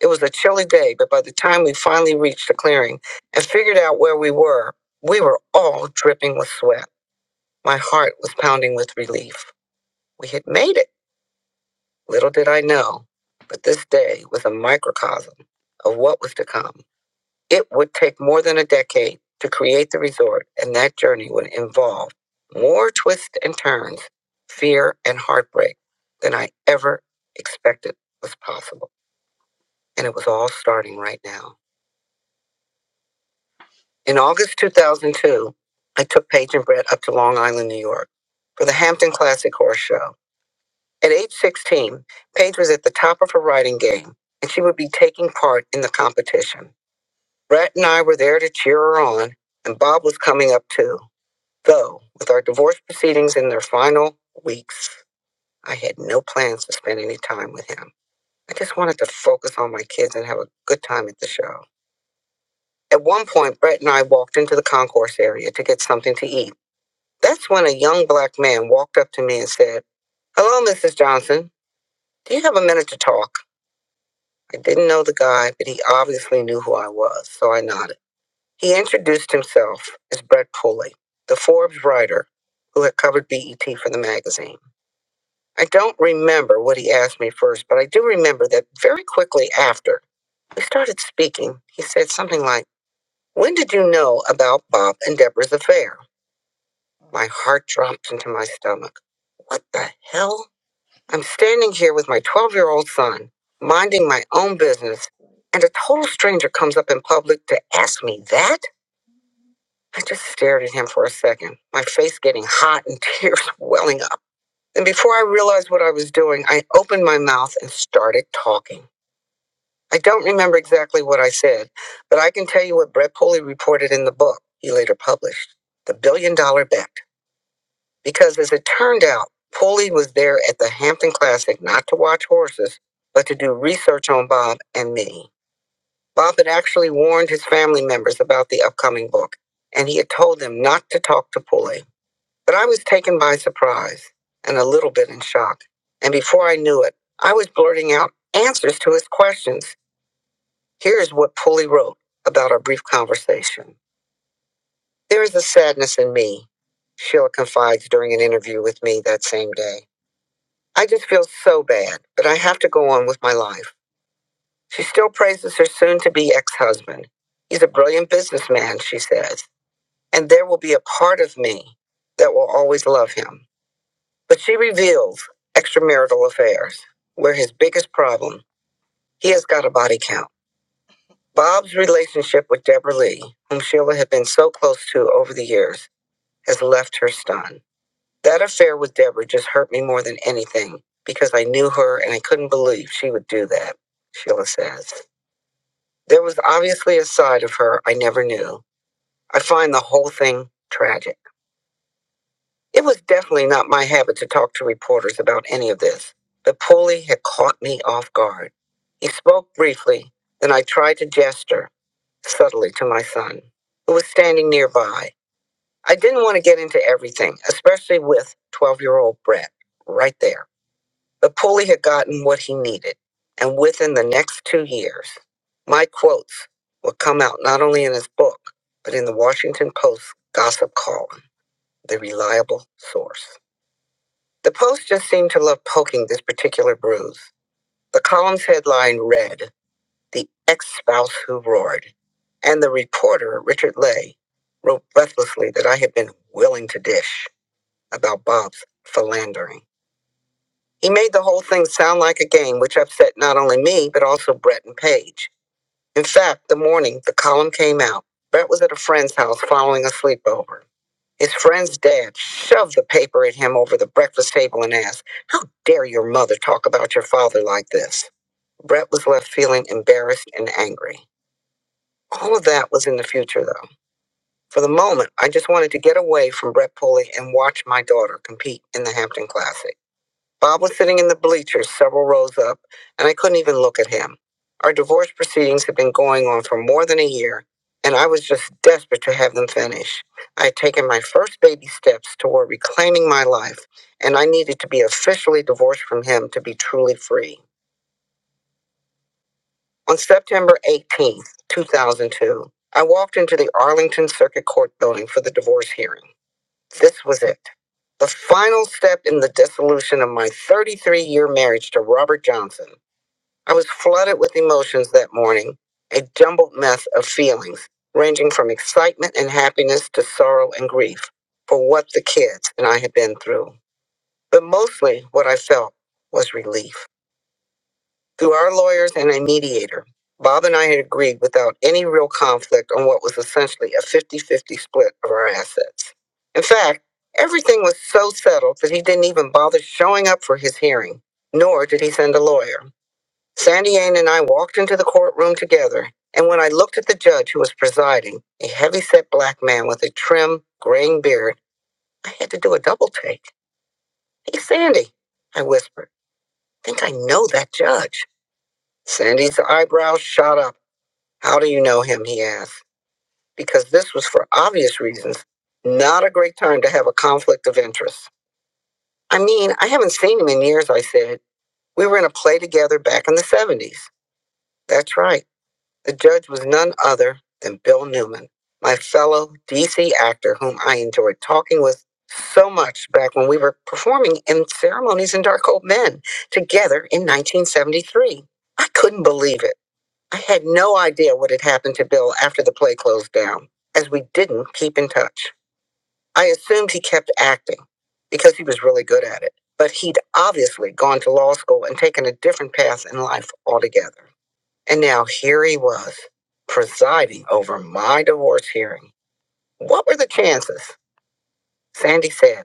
It was a chilly day, but by the time we finally reached the clearing and figured out where we were, we were all dripping with sweat. My heart was pounding with relief. We had made it. Little did I know. But this day was a microcosm of what was to come. It would take more than a decade to create the resort, and that journey would involve more twists and turns, fear and heartbreak than I ever expected was possible. And it was all starting right now. In August 2002, I took Paige and Brett up to Long Island, New York for the Hampton Classic Horse Show. At age 16, Paige was at the top of her writing game, and she would be taking part in the competition. Brett and I were there to cheer her on, and Bob was coming up too. Though, with our divorce proceedings in their final weeks, I had no plans to spend any time with him. I just wanted to focus on my kids and have a good time at the show. At one point, Brett and I walked into the concourse area to get something to eat. That's when a young black man walked up to me and said, Hello, Mrs. Johnson. Do you have a minute to talk? I didn't know the guy, but he obviously knew who I was, so I nodded. He introduced himself as Brett Pulley, the Forbes writer who had covered BET for the magazine. I don't remember what he asked me first, but I do remember that very quickly after we started speaking, he said something like, When did you know about Bob and Deborah's affair? My heart dropped into my stomach. What the hell? I'm standing here with my 12 year old son, minding my own business, and a total stranger comes up in public to ask me that? I just stared at him for a second, my face getting hot and tears welling up. And before I realized what I was doing, I opened my mouth and started talking. I don't remember exactly what I said, but I can tell you what Brett Pulley reported in the book he later published The Billion Dollar Bet. because as it turned out, Pulley was there at the Hampton Classic not to watch horses, but to do research on Bob and me. Bob had actually warned his family members about the upcoming book, and he had told them not to talk to Pulley. But I was taken by surprise and a little bit in shock. And before I knew it, I was blurting out answers to his questions. Here's what Pulley wrote about our brief conversation. There is a sadness in me, Sheila confides during an interview with me that same day. I just feel so bad, but I have to go on with my life. She still praises her soon to be ex husband. He's a brilliant businessman, she says, and there will be a part of me that will always love him. But she reveals extramarital affairs were his biggest problem. He has got a body count. Bob's relationship with Deborah Lee, whom Sheila had been so close to over the years, has left her stunned. That affair with Deborah just hurt me more than anything because I knew her and I couldn't believe she would do that, Sheila says. There was obviously a side of her I never knew. I find the whole thing tragic. It was definitely not my habit to talk to reporters about any of this, but Pulley had caught me off guard. He spoke briefly, then I tried to gesture subtly to my son, who was standing nearby. I didn't want to get into everything, especially with 12 year old Brett right there. Napoli had gotten what he needed, and within the next two years, my quotes would come out not only in his book, but in the Washington Post gossip column, the reliable source. The Post just seemed to love poking this particular bruise. The column's headline read, The Ex Spouse Who Roared, and the reporter, Richard Lay, wrote breathlessly that I had been willing to dish about Bob's philandering. He made the whole thing sound like a game, which upset not only me, but also Brett and Paige. In fact, the morning the column came out, Brett was at a friend's house following a sleepover. His friend's dad shoved the paper at him over the breakfast table and asked, How dare your mother talk about your father like this? Brett was left feeling embarrassed and angry. All of that was in the future, though. For the moment, I just wanted to get away from Brett Pulley and watch my daughter compete in the Hampton Classic. Bob was sitting in the bleachers several rows up, and I couldn't even look at him. Our divorce proceedings had been going on for more than a year, and I was just desperate to have them finish. I had taken my first baby steps toward reclaiming my life, and I needed to be officially divorced from him to be truly free. On September 18th, 2002, I walked into the Arlington Circuit Court building for the divorce hearing. This was it. The final step in the dissolution of my 33 year marriage to Robert Johnson. I was flooded with emotions that morning, a jumbled mess of feelings, ranging from excitement and happiness to sorrow and grief for what the kids and I had been through. But mostly what I felt was relief. Through our lawyers and a mediator, Bob and I had agreed without any real conflict on what was essentially a 50 50 split of our assets. In fact, everything was so settled that he didn't even bother showing up for his hearing, nor did he send a lawyer. Sandy Ann and I walked into the courtroom together, and when I looked at the judge who was presiding, a heavy-set black man with a trim, graying beard, I had to do a double take. Hey, Sandy, I whispered. "I think I know that judge. Sandy's eyebrows shot up. How do you know him? he asked. Because this was, for obvious reasons, not a great time to have a conflict of interest. I mean, I haven't seen him in years, I said. We were in a play together back in the 70s. That's right. The judge was none other than Bill Newman, my fellow DC actor whom I enjoyed talking with so much back when we were performing in ceremonies in Dark Old Men together in 1973. I couldn't believe it. I had no idea what had happened to Bill after the play closed down, as we didn't keep in touch. I assumed he kept acting because he was really good at it, but he'd obviously gone to law school and taken a different path in life altogether. And now here he was, presiding over my divorce hearing. What were the chances? Sandy said,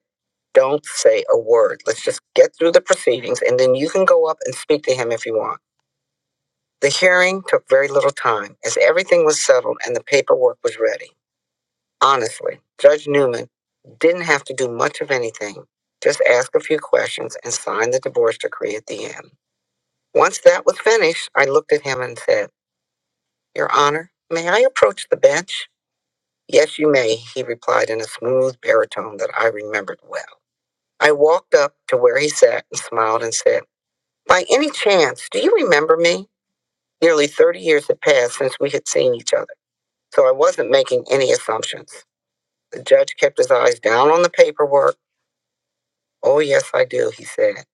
Don't say a word. Let's just get through the proceedings, and then you can go up and speak to him if you want. The hearing took very little time, as everything was settled and the paperwork was ready. Honestly, Judge Newman didn't have to do much of anything, just ask a few questions and sign the divorce decree at the end. Once that was finished, I looked at him and said, Your Honor, may I approach the bench? Yes, you may, he replied in a smooth baritone that I remembered well. I walked up to where he sat and smiled and said, By any chance, do you remember me? Nearly 30 years had passed since we had seen each other, so I wasn't making any assumptions. The judge kept his eyes down on the paperwork. Oh, yes, I do, he said.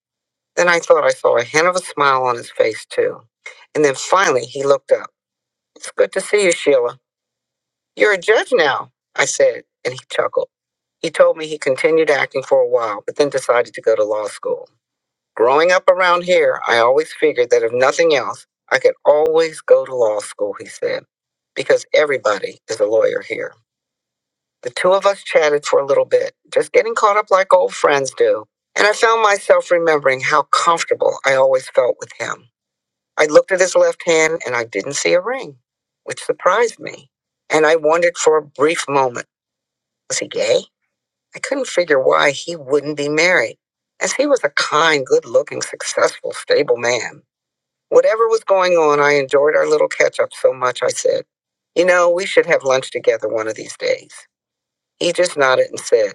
Then I thought I saw a hint of a smile on his face, too. And then finally he looked up. It's good to see you, Sheila. You're a judge now, I said, and he chuckled. He told me he continued acting for a while, but then decided to go to law school. Growing up around here, I always figured that if nothing else, I could always go to law school, he said, because everybody is a lawyer here. The two of us chatted for a little bit, just getting caught up like old friends do, and I found myself remembering how comfortable I always felt with him. I looked at his left hand and I didn't see a ring, which surprised me, and I wondered for a brief moment was he gay? I couldn't figure why he wouldn't be married, as he was a kind, good looking, successful, stable man. Whatever was going on, I enjoyed our little catch up so much, I said, You know, we should have lunch together one of these days. He just nodded and said,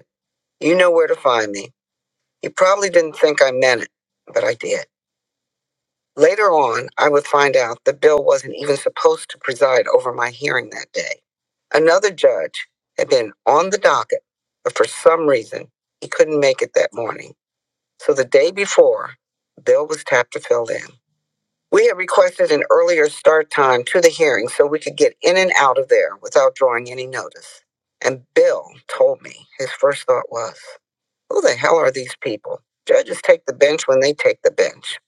You know where to find me. He probably didn't think I meant it, but I did. Later on, I would find out that Bill wasn't even supposed to preside over my hearing that day. Another judge had been on the docket, but for some reason, he couldn't make it that morning. So the day before, Bill was tapped to fill in. We had requested an earlier start time to the hearing so we could get in and out of there without drawing any notice. And Bill told me his first thought was, Who the hell are these people? Judges take the bench when they take the bench.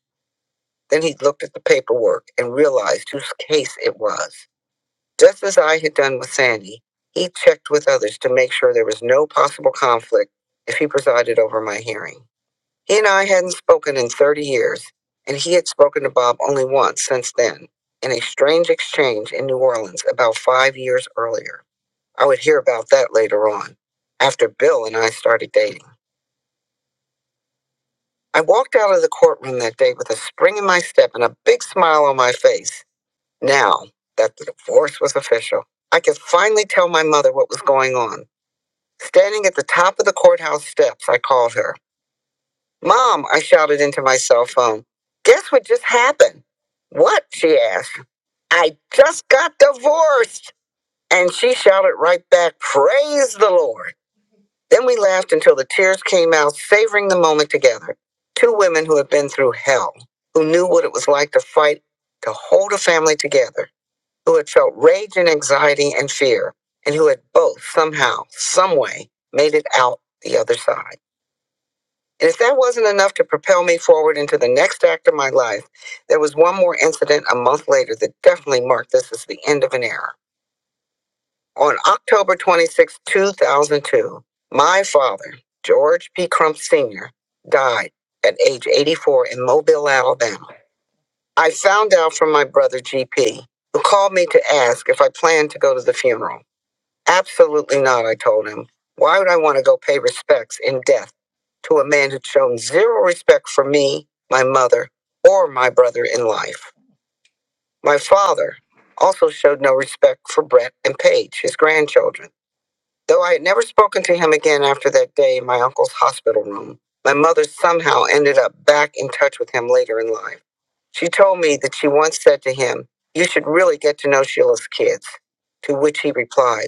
Then he looked at the paperwork and realized whose case it was. Just as I had done with Sandy, he checked with others to make sure there was no possible conflict if he presided over my hearing. He and I hadn't spoken in 30 years, and he had spoken to Bob only once since then, in a strange exchange in New Orleans about five years earlier. I would hear about that later on, after Bill and I started dating. I walked out of the courtroom that day with a spring in my step and a big smile on my face. Now that the divorce was official, I could finally tell my mother what was going on. Standing at the top of the courthouse steps, I called her. Mom, I shouted into my cell phone. Guess what just happened? What? She asked. I just got divorced. And she shouted right back, Praise the Lord. Then we laughed until the tears came out, savoring the moment together. Two women who had been through hell, who knew what it was like to fight to hold a family together, who had felt rage and anxiety and fear, and who had both somehow, some way, made it out the other side. And if that wasn't enough to propel me forward into the next act of my life, there was one more incident a month later that definitely marked this as the end of an era. On October 26, 2002, my father, George P. Crump Sr., died at age 84 in Mobile, Alabama. I found out from my brother, GP, who called me to ask if I planned to go to the funeral. Absolutely not, I told him. Why would I want to go pay respects in death to a man who'd shown zero respect for me, my mother, or my brother in life? My father also showed no respect for Brett and Paige, his grandchildren. Though I had never spoken to him again after that day in my uncle's hospital room, my mother somehow ended up back in touch with him later in life. She told me that she once said to him, You should really get to know Sheila's kids, to which he replied,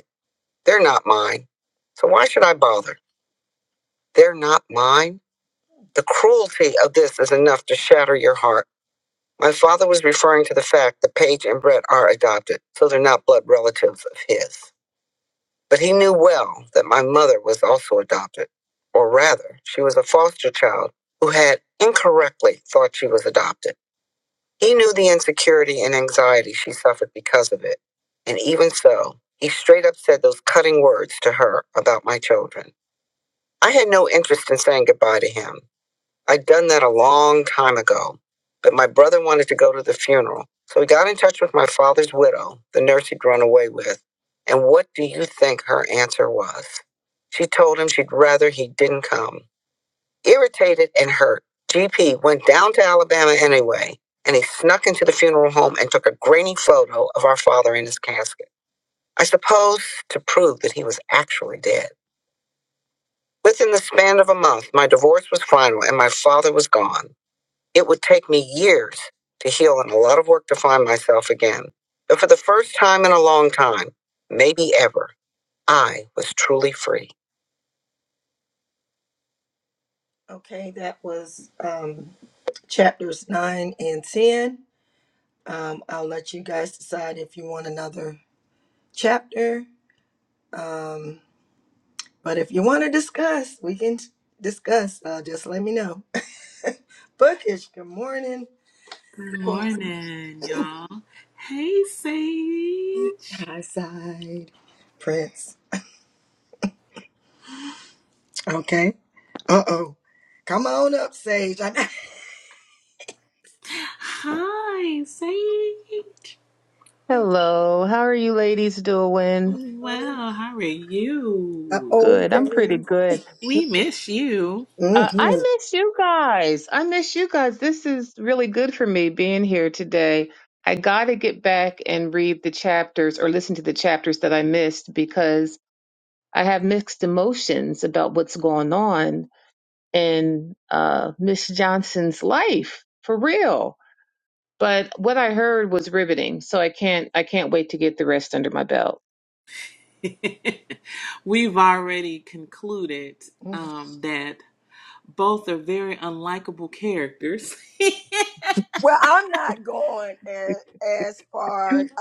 they're not mine. So why should I bother? They're not mine. The cruelty of this is enough to shatter your heart. My father was referring to the fact that Paige and Brett are adopted, so they're not blood relatives of his. But he knew well that my mother was also adopted, or rather, she was a foster child who had incorrectly thought she was adopted. He knew the insecurity and anxiety she suffered because of it, and even so, he straight up said those cutting words to her about my children. I had no interest in saying goodbye to him. I'd done that a long time ago, but my brother wanted to go to the funeral, so he got in touch with my father's widow, the nurse he'd run away with. And what do you think her answer was? She told him she'd rather he didn't come. Irritated and hurt, GP went down to Alabama anyway, and he snuck into the funeral home and took a grainy photo of our father in his casket. I suppose to prove that he was actually dead. Within the span of a month, my divorce was final and my father was gone. It would take me years to heal and a lot of work to find myself again. But for the first time in a long time, maybe ever, I was truly free.
Good morning, y'all. Hey, Sage. Hi, Sage.
Hello, how are you ladies doing?
Well, how are you?
Good, I'm pretty good.
We miss you.
Uh, I miss you guys. I miss you guys. This is really good for me being here today. I got to get back and read the chapters or listen to the chapters that I missed because I have mixed emotions about what's going on in uh, Miss Johnson's life for real. But what I heard was riveting, so I can't I can't wait to get the rest under my belt.
We've already concluded um, that both are very unlikable characters.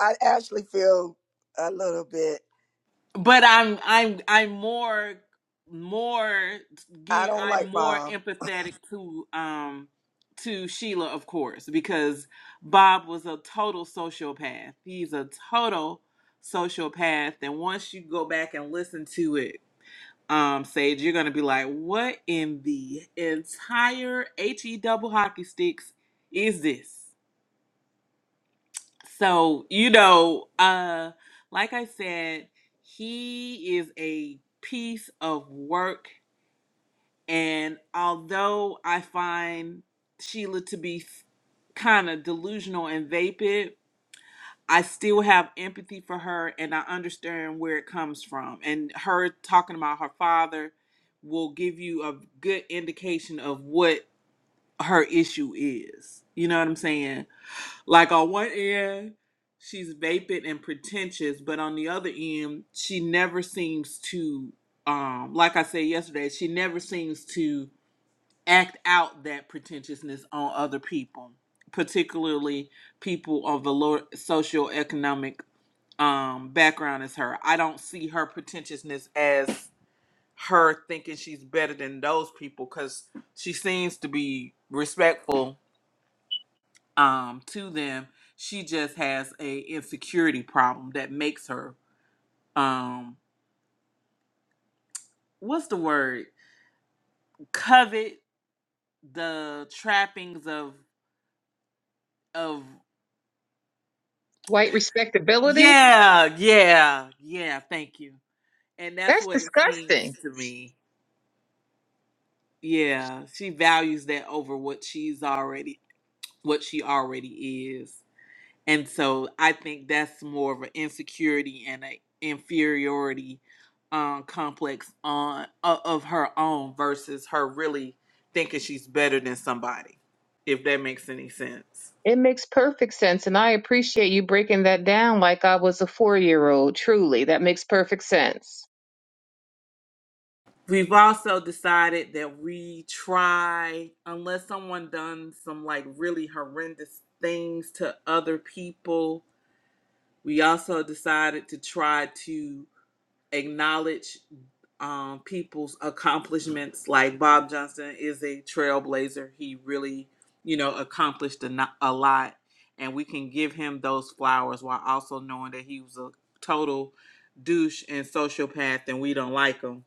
but I'm I'm I'm more more gear- I'm more empathetic to um to Sheila of course because Bob was a total sociopath. He's a total sociopath and once you go back and listen to it um Sage you're going to be like what in the entire HE double hockey sticks is this? So, you know, uh, like I said, he is a piece of work. And although I find Sheila to be kind of delusional and vapid, I still have empathy for her and I understand where it comes from. And her talking about her father will give you a good indication of what her issue is. You know what I'm saying? Like on one end, she's vapid and pretentious, but on the other end, she never seems to um like I said yesterday, she never seems to act out that pretentiousness on other people, particularly people of the lower socioeconomic um background as her. I don't see her pretentiousness as her thinking she's better than those people cuz she seems to be respectful um to them she just has a insecurity problem that makes her um what's the word covet the trappings of of
White respectability.
yeah yeah yeah thank you and that's
That's
what it seems
disgusting.
to me yeah she values that over what she's already what she already is And so I think that's more of an insecurity and an inferiority um, complex on o- of her own versus her really thinking she's better than somebody, if that makes any sense.
It makes perfect sense. And I appreciate you breaking that down like I was a four year old. Truly, that makes perfect sense.
We've also decided that we try, unless someone done some like really horrendous things to other people, we also decided to try to acknowledge um, people's accomplishments. Like Bob Johnson is a trailblazer. He really, you know, accomplished a, no- a lot. And we can give him those flowers while also knowing that he was a total douche and sociopath and we don't like him.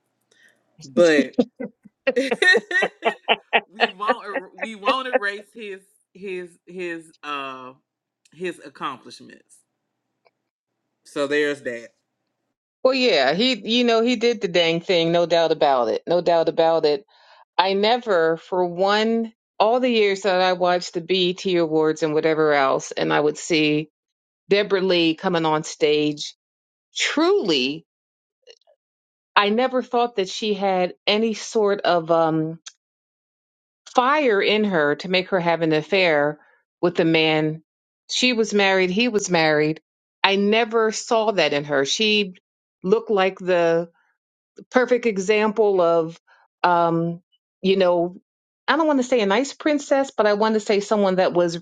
But we won't er- we won't erase his his his uh his accomplishments. So there's that.
Well, yeah, he, you know, he did the dang thing. No doubt about it. No doubt about it. I never, for one, all the years that I watched the BET Awards and whatever else, and I would see Deborah Lee coming on stage. Truly, I never thought that she had any sort of, um, fire in her to make her have an affair with the man. She was married, he was married. I never saw that in her. She looked like the perfect example of, um, you know, I don't want to say a nice princess, but I want to say someone that was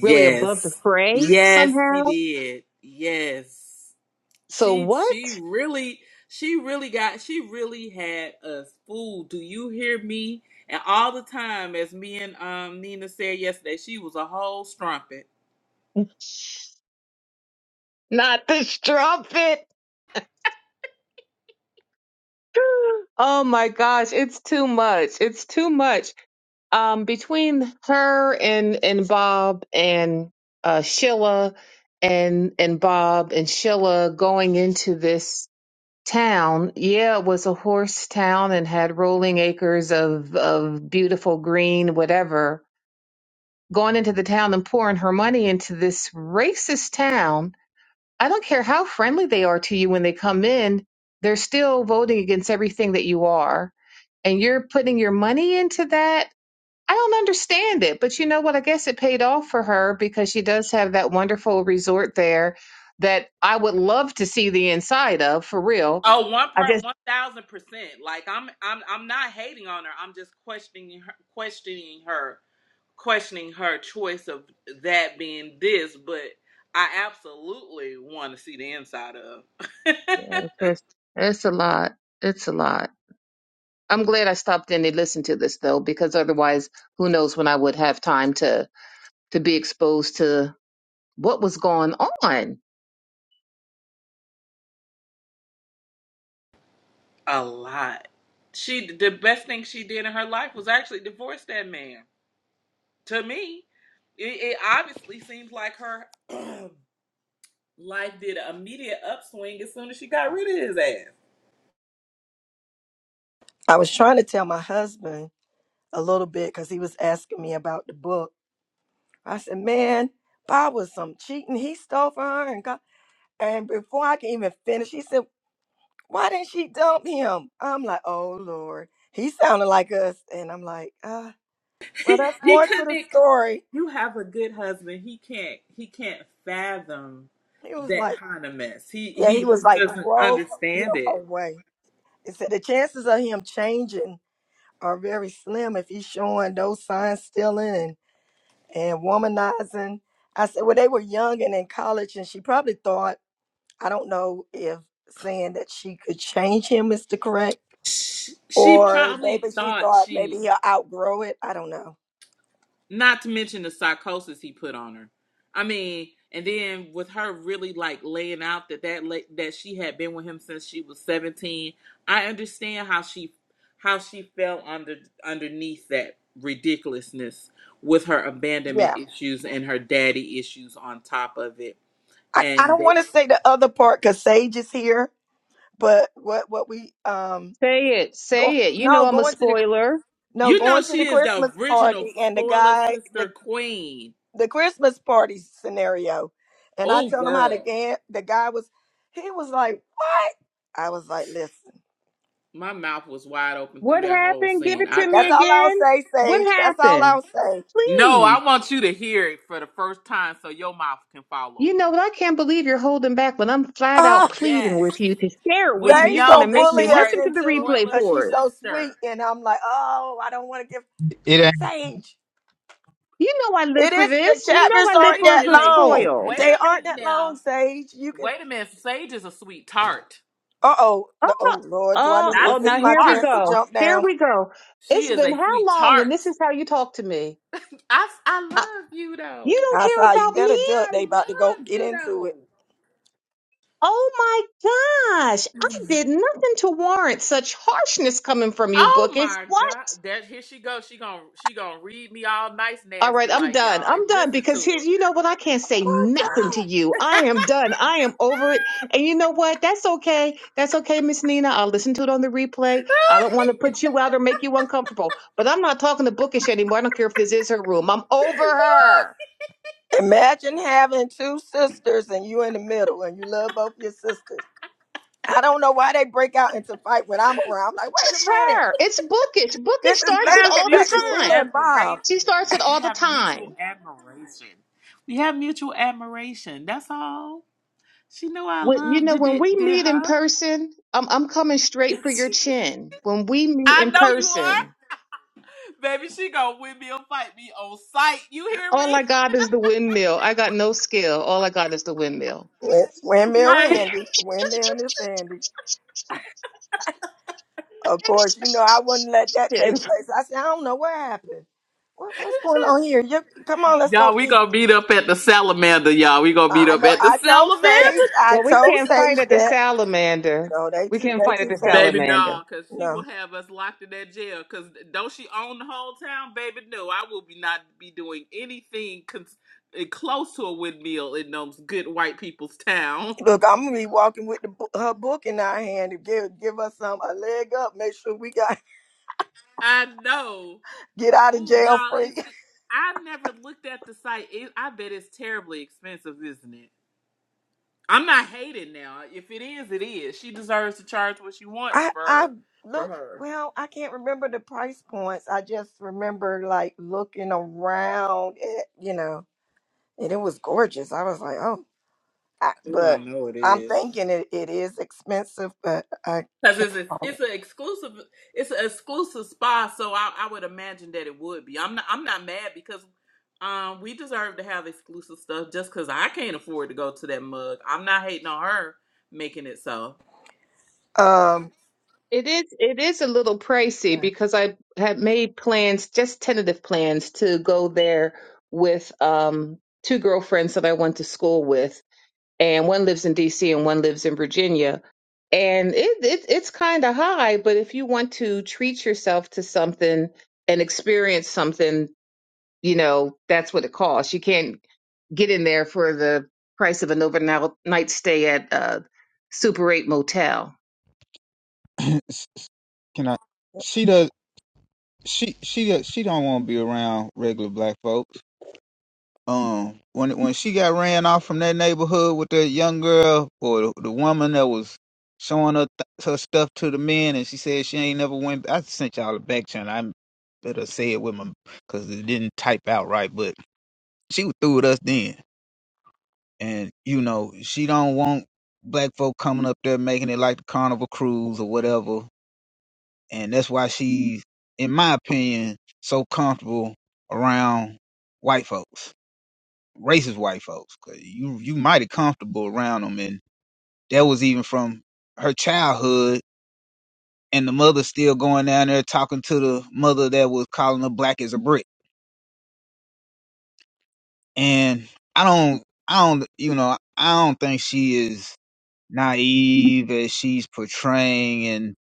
really above the fray
Yes,
somehow.
he did. Yes.
So
She
what?
she really she really got she really had us fooled. Do you hear me? And all the time, as me and um Nina said yesterday, she was a whole strumpet.
Not this trumpet. Oh my gosh, it's too much. It's too much. um, between her and and Bob and uh, Sheila and and Bob and Sheila going into this town, yeah, it was a horse town and had rolling acres of of beautiful green, whatever. Going into the town and pouring her money into this racist town. I don't care how friendly they are to you when they come in, they're still voting against everything that you are and you're putting your money into that I don't understand it, but you know what? I guess it paid off for her because she does have that wonderful resort there that I would love to see the inside of for real.
Oh, one
I
part
just,
one thousand percent. Like I'm I'm I'm not hating on her. I'm just questioning her questioning her questioning her choice of that being this, but I absolutely want to see the inside of.
yeah, it's just, it's a lot. It's a lot. I'm glad I stopped in to listen to this though, because otherwise, who knows when I would have time to to be exposed to what was going on.
a lot. She the best thing she did in her life was actually divorce that man. To me, it, it obviously seems like her life did an immediate upswing as soon as she got rid of his ass. he couldn't. You have a good husband. He can't. He can't fathom that kind of mess. He he just doesn't understand it. She, she probably thought she. Not to mention the psychosis he put on her. I mean, and then with her really like laying out that that la- that she had been with him since she was 17, I understand how she how she fell under underneath that ridiculousness with her abandonment issues and her daddy issues on top of it. And they,
Say it, say it. You know I'm a spoiler.
you know she is the original spoiler sister queen. Oh girl, my mouth was wide open through
What
that whole
happened? Give
scene.
it to
I.
me
I
again. What happened?
No,
Please.
I want you to hear it for the first time so your mouth can fall
You know
over.
what? I can't believe you're holding back when I'm flat out pleading
Yes.
with you to share it
We
with me. You're going to
know that
make me
you are a
listen to the replay
spoiler
for it.
sister.
It
You know I live for this. You know I live
Sage
for a
is
good
a
spoil.
wait a minute now. Wait a minute. Sage is a sweet tart.
Oh, oh,
Not
oh,
a
now here we
sweetheart.
go. Here we go.
She
It's
is
been
a
how
sweet
long and
tart.
this is how you talk to me?
I I
Uh,
love you
you
though.
don't care about me?
I love you though.
Oh my gosh. I did nothing to warrant such harshness coming from you,
Oh
Bookish.
my god. That here she goes. She gonna she gonna read me all nice
All right,
nasty
I'm
like
done.
y'all and
I'm done
listen
because
to
here's, you know what? I can't say nothing to you. I am done. I am over it. And you know what? That's okay. That's okay, Miss Nina. I'll listen to it on the replay. I don't want to
her.
put you out or make you uncomfortable, but I'm not talking to Bookish anymore. I don't care if this is her room. I'm over her. She's her. It's Bookish. Bookish
We
starts it
have
all the
mutual
time.
admiration.
She starts it
We
all the
have mutual
time.
admiration. We have mutual admiration. That's all. She know I
When, you
love
know,
did
when we
it did
meet in
her.
person, I'm, I'm coming straight for your chin. When we meet
I
in
know you are.
person,
Baby, she gonna win me or fight me on sight. You hear
All I
me?
got is the windmill. I got no skill. All I got is the windmill.
Right?
And it's-
Y'all, we gonna meet up at the salamander, y'all. We gonna meet up at the
That-
salamander.
well, we can't fight at the salamander. We can't fight at the
Baby,
salamander.
no, because she will have us locked in that jail. Because don't she own the whole town? Baby, no, I will be not be doing anything cons- eh, close to a windmill in those good white people's town. I know. Oh, y'all, is it? I never looked at the site. It, I bet it's terribly expensive, isn't it? I'm not hating now. If it is, it is. She deserves to charge what she wants for her. for her. Oh, I know it is. Cause it's a, it's an exclusive it's an exclusive spa, so I, I would imagine that it would be. I'm not I'm not mad because um we deserve to have exclusive stuff just because I can't afford to go to that mug. I'm not hating on her making it so.
It is it is a little pricey because I had made plans, just tentative plans, to go there with um two girlfriends that I went to school with and one lives in DC and one lives in Virginia. And it, it it's kind of high, but if you want to treat yourself to something and experience something, you know, that's what it costs. You can't get in there for the price of an overnight stay at a Super 8 motel.
ain't. Can I? She does. She she she don't want to be around regular black folks. Um, when when she got ran off from that neighborhood with that young girl or the, the woman that was showing her th- her stuff to the men, and she said she ain't never went. I sent y'all a back channel. I better say it with my because it didn't type out right. But she was through with us then, and you know she don't want black folk coming up there making it like the carnival cruise or whatever and that's why she's, in my opinion, so comfortable around white folks, racist white folks. 'Cause you you mighty comfortable around them, and that was even from her childhood, and the mother still going down there talking to the mother that was calling her black as a brick. And I don't, I don't, you know, I don't think she is naive as she's portraying, and.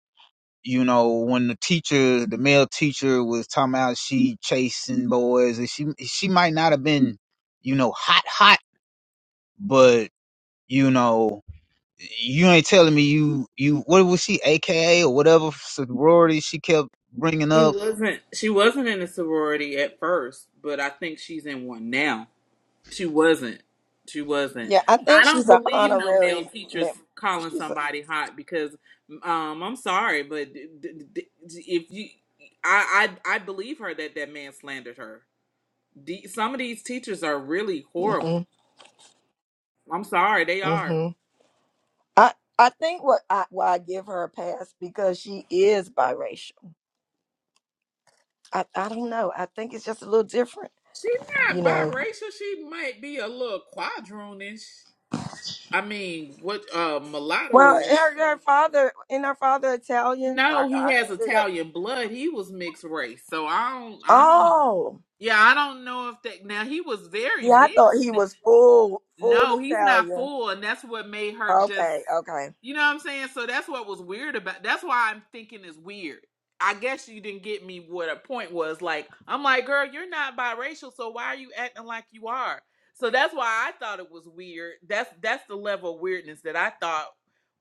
you know, when the teacher, the male teacher was talking about she chasing boys and she she might not have been, you know, hot hot, but you know, you ain't telling me you you what was she AKA or whatever sorority she kept bringing
She
up.
wasn't she wasn't in a sorority at first, but I think she's in one now. She wasn't. She wasn't. I don't believe no male teachers calling somebody hot because um I'm sorry, but d- d- d- if you I I I believe her that that man slandered her. The- Some of these teachers are really horrible. I'm sorry, they are. She not biracial. She might be a little quadroonish. I mean, what uh mulatto is? No, he has Italian blood. He was mixed race, so I don't. I don't. Yeah, I don't know if that. Now he was very mixed. No, he's not full, and that's what made her just. You know what I'm saying? So that's what was weird about. That's why I'm thinking it's weird. I guess you didn't get me what a point was. Like I'm like, girl, you're not biracial, so why are you acting like you are? So that's why I thought it was weird. That's that's the level of weirdness that I thought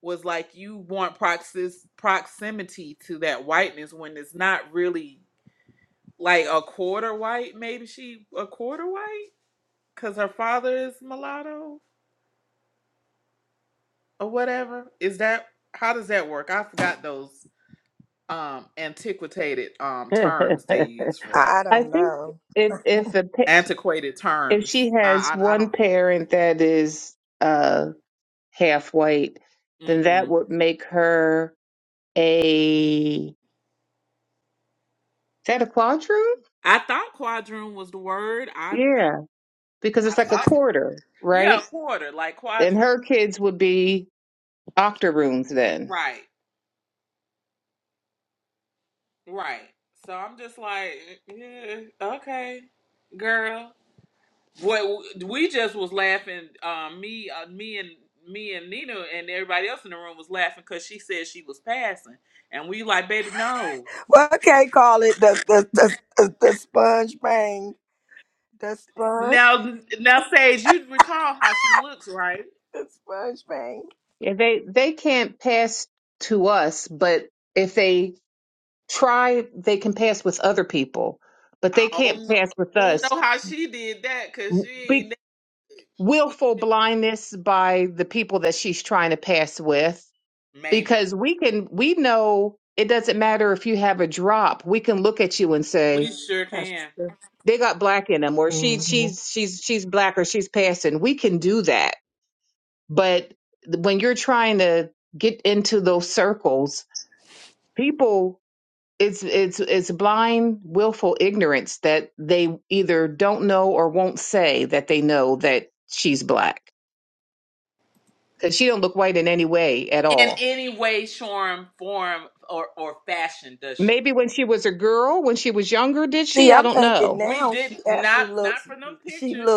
was like you want proxis, proximity to that whiteness when it's not really like a quarter white. Maybe she a quarter white because her father is mulatto or whatever. Is that how does that work? I forgot those um antiquated um terms they use for that.
I think if if a, pa-
Antiquated
if
terms.
she has
I I, I
one
don't.
parent that is uh half white, then
hmm
that would make her a that a quadroon?
I thought quadroon was the word. I
Yeah, because
I
it's like a
thought
quarter,
yeah, a
right?
quarter like
And
quadroon.
her kids would be octoroons then.
Right, right. So I'm just like, yeah, okay, girl. Well, we just was laughing. Um, me, uh, me and me and Nina and everybody else in the room was laughing because she said she was passing, and we like, baby, no. Now, now, Sage, you recall how she looks, right?
Yeah, they they can't pass to us, but if they try, they can pass with other people, but
I
they can't
don't know,
pass with
don't
us.
know how she did that because
Be-
she ain't
willful
even
blindness by the people that she's trying to pass with,
maybe.
because we can we know it doesn't matter if you have a drop. We can look at you and say,
We sure can.
they got black in them or she she's she's she's black or she's passing we can do that but when you're trying to get into those circles people it's it's it's blind willful ignorance that they either don't know or won't say that they know that she's black because she don't look white in any way at
In
all
any way, form, form, or or fashion, does she?
maybe when she was a girl when she was younger did she i don't know
We did not not for them pictures.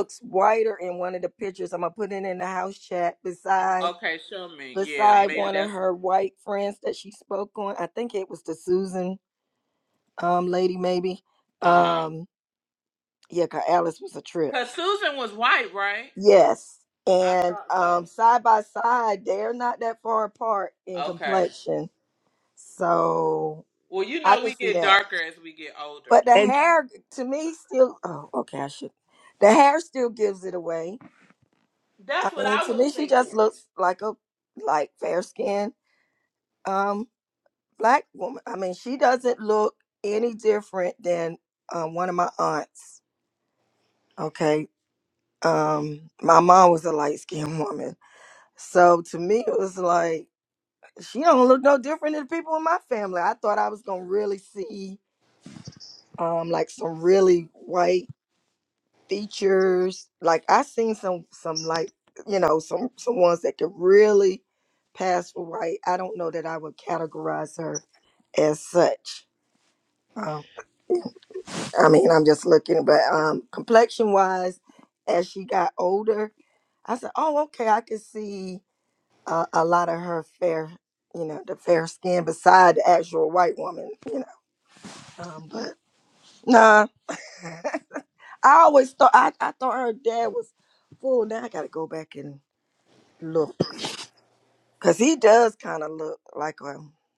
Okay, show me. Yeah, maybe that's. uh. Cause Susan was white, right? I thought so. Okay. Well, you know we get darker as we get older. That's what I was thinking.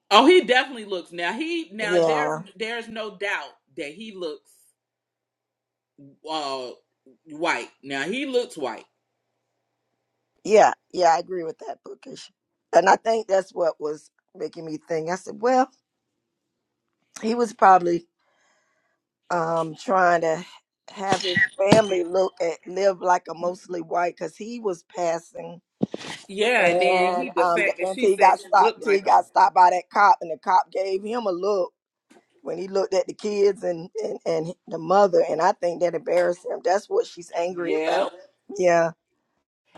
Oh, he definitely looks now. He now there's there's no doubt that he looks uh white. Now he looks white. Yeah, and then he the fact that she said she looked like him. Yep.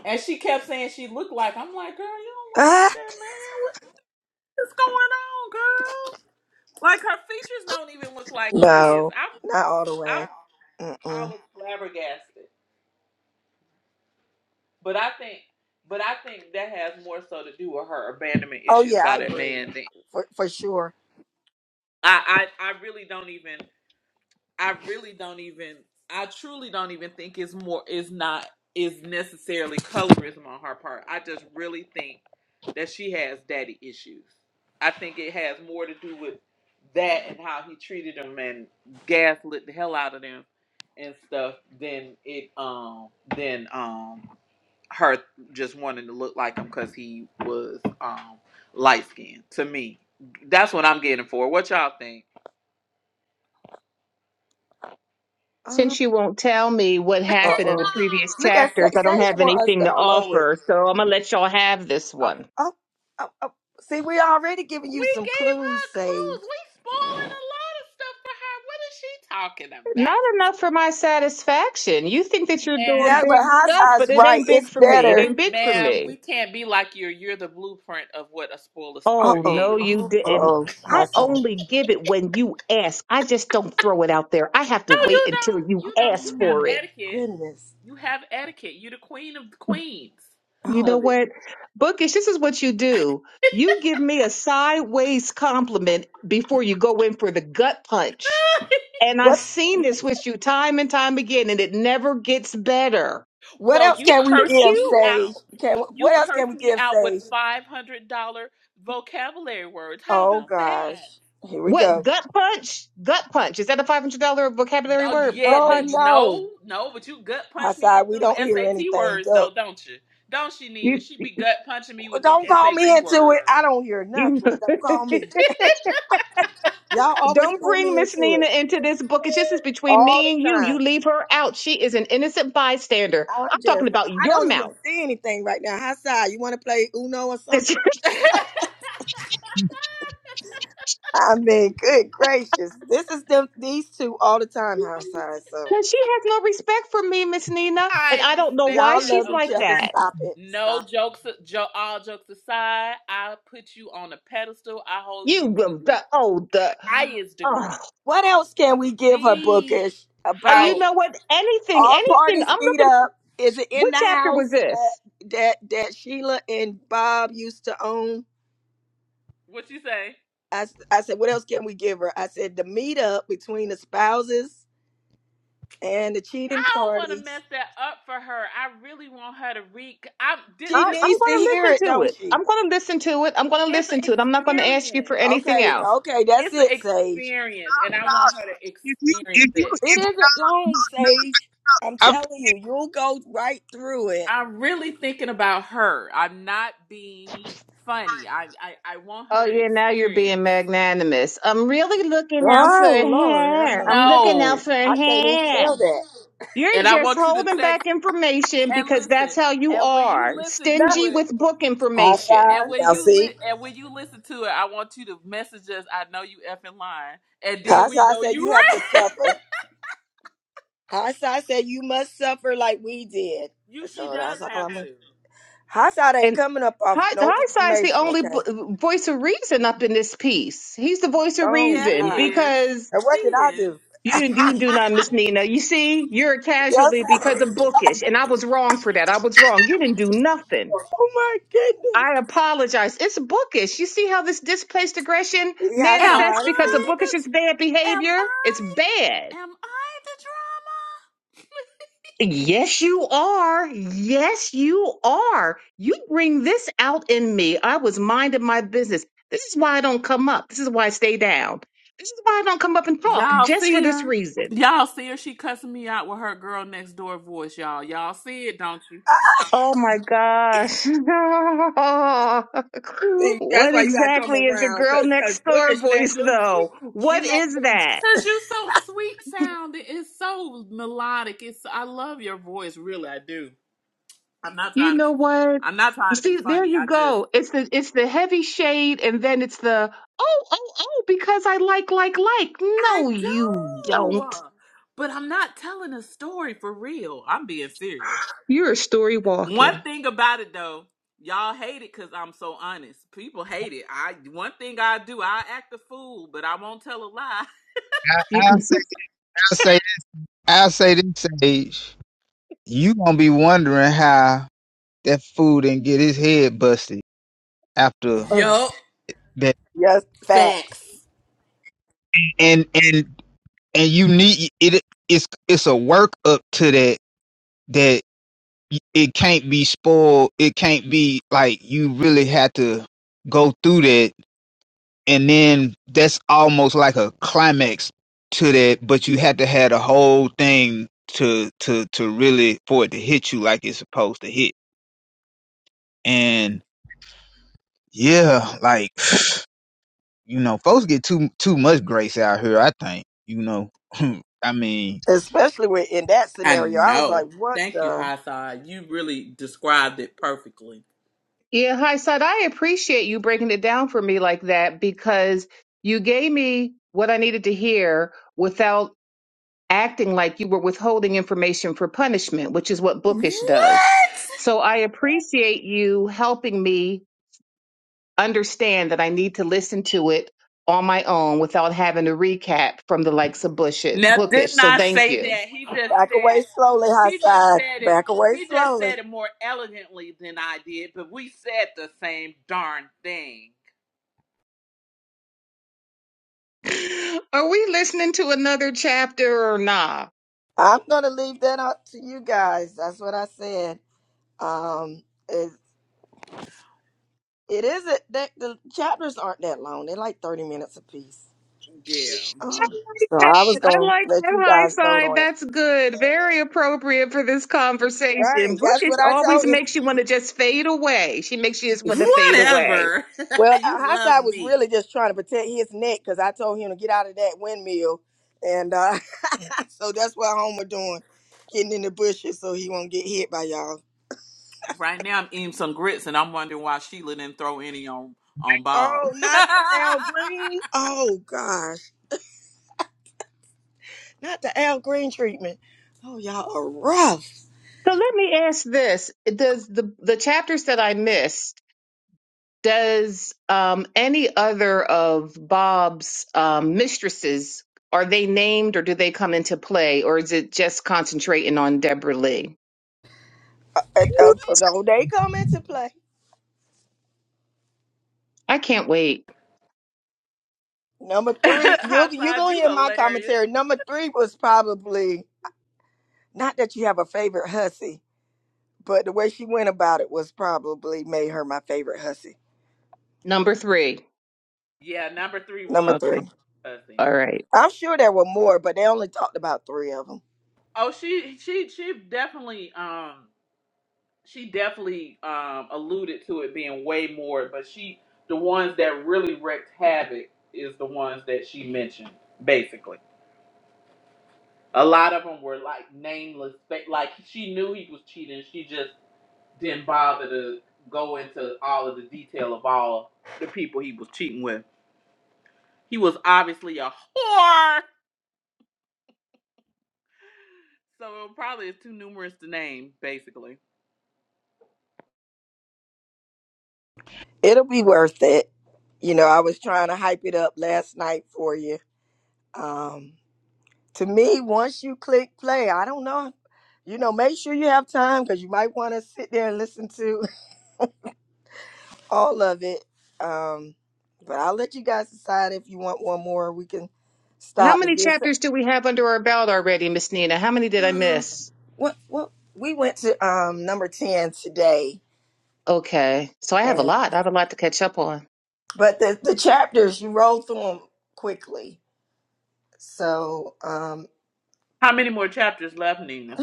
And she kept saying she looked like I'm like, girl, you don't look like that man. What's going on, girl? Like her features don't even look like his. I'm I am I was flabbergasted. But I think but I think that has more so to do with her abandonment issues by that man than I I, I really don't even I really don't even I truly don't even think it's more It's not is necessarily colorism on her part. I just really think that she has daddy issues. I think it has more to do with that and how he treated them and gaslit the hell out of them and stuff than it um than um her just wanting to look like him because he was um light skinned to me. That's what I'm getting for. What y'all think?
Since you won't tell me what happened in the previous chapters, I don't have anything to offer, so I'm going to let y'all have this one.
We gave her clues. We spoiling a lot of stuff for her. What is she talking
Not
about?
enough for my satisfaction. You think that you're doing
Ma'am,
big stuff, but it ain't big for me. It ain't big for
ma'am,
me.
we can't be like you. You're the blueprint of what a spoiler
Oh,
sister
no,
is.
you didn't. I only give it when you ask. I just don't throw it out there. I have to
No,
wait
you
until
don't.
you
You don't. You
ask
have
for it.
etiquette. You have etiquette. You're the queen of the queens
You know
of it.
what? Bookish, this is what you do. You give me a sideways compliment before you go in for the gut punch And I've seen this with you time and time again, and it never gets better.
well, you
Thank
cursed
you
me out. You cursed me out with $500 vocabulary words. How about that?
What gut punch? Gut punch. Is that a five hundred dollar vocabulary
Oh
word?
yeah,
Gut
no,
punch.
you know, no, but you gut punch me with them SAT words though, don't you? Don't she, Nina?
You,
She be gut punching me with them SAT words.
you don't bring Miss Nina into this book. It's just it's between me and you. You leave her out. She is an innocent bystander. I'm talking about your mouth. And she has no respect for me, Miss Nina, and
I
I don't know
respect
why
her
she's
of
like
the
that.
no jokes, jo- all jokes aside. I put you on a pedestal. I hold you
You,
to the
the, oh, the,
highest
oh.
degree, the
Uh, you know
highest.
what? Anything, anything. I'm looking. What chapter was this?
What you say? I don't want to mess that up for her. I really want her to read. I
I,
this,
I'm going to listen to it. I'm going to listen to it. I'm going to
It's an
listen to it. I'm not going to ask you for
experience.
anything else.
It's an experience, and I want her to
If you
experience
if you
it.
I
I'm really thinking about her. I'm not being funny. I, I, I want her
Oh
to
yeah, now you're
experience.
being magnanimous. I'm really looking out for her. I'm looking
No.
out for her. You're
And I
just
want you to
holding
text
back information
and
because
listen.
that's how you
And when you
are.
listen to
Stingy
it,
with book information.
and when you li- and when you listen to it, I want you to message us. I know you effing lying, and then we know you right. You she does have to.
And Hi- the high side's the only bo- voice of reason up in this piece. He's the voice of
Yeah, he
reason
is.
because
He is.
You you do not Miss Nina. You see, you're a casualty because of bookish, and I was wrong for that. I was wrong. You didn't do nothing. I apologize. It's bookish. You see how this displaced aggression
Am
manifests because of
I
bookish is
the
bad
am
behavior? It's
I
bad.
am I the
Yes, you are. Yes, you are. You bring this out in me. I was minding my business. This is why I don't come up. This is why I stay down. This is why I don't come up and
drama?
talk,
Y'all
just for
see
this
her?
reason.
Y'all see her? She cussing me out with her girl next door voice, y'all. Y'all see it, don't you?
Oh my gosh. what exactly is a girl next door voice though? What is that?
Cause you so sweet sounding. It's so melodic. It's I love your voice, really, I do. I'm not
You
trying to
know
be
what?
I'm not trying to be
See, there
funny.
you
I just
go. It's the it's the heavy shade and then it's the oh oh oh because I like like like.
I
No you
do.
don't.
But I'm not telling a story for real. I'm being serious.
You're a story
One
walking.
thing about it though, y'all hate it because I'm so honest. People hate it. I one thing I do, I act a fool, but I won't tell a lie.
I
You-
say I say I say this age, you gonna be wondering how that fool didn't get his head busted after
Ugh.
Yup,
that.
facts.
And and and you need it it's it's a work up to that that y- it can't be spoiled it can't be like you really had to go through that and then that's almost like a climax to that but you had to have the whole thing to to to really for it to hit you like it's supposed to hit and yeah like you know folks get too too much grace out here i think you know i mean
I know. Thank you, Hassan. You really described it perfectly.
yeah, hi Sod, I appreciate you breaking it down for me like that because you gave me what I needed to hear without acting like you were withholding information for punishment, which is what bookish does.
What?
So I appreciate you helping me understand that I need to listen to it on my own without having to recap from the likes of Bush-
Now,
bookish.
didn't
So
I
thank
say
you.
that? He just said it. He just said it. He just said it more elegantly than I did, but we said the same darn thing.
Are we listening to another chapter or nah?
Yeah.
I like that. I like that high side. That's good. Very appropriate for this conversation. Bookish always makes you want to just fade away. She makes you just want to fade away.
Whatever. you love me. Right now, I'm eating some grits, and I'm wondering why Sheila didn't throw any on on Bob.
So let me ask this: Does the the chapters that I missed? Does um, any other of Bob's um, mistresses are they named, or do they come into play, or is it just concentrating on Deborah Lee? I can't wait.
Hot side, you hilarious.
Number three.
Yeah, number three was
Okay.
my cousin.
All right.
Oh, she she she definitely um she definitely um alluded to it being way more, but she the ones that really wrecked havoc is the ones that she mentioned basically. A lot of them were like nameless, ba- like she knew he was cheating. She just didn't bother to go into all of the detail of all the people he was cheating with. He was obviously a whore. So it probably is too numerous to name, basically.
How many chapters do we have under our belt already, Miss Nina? How many did I miss? Okay. So I have a lot. I have a lot to catch up on.
How many more chapters left, Nina?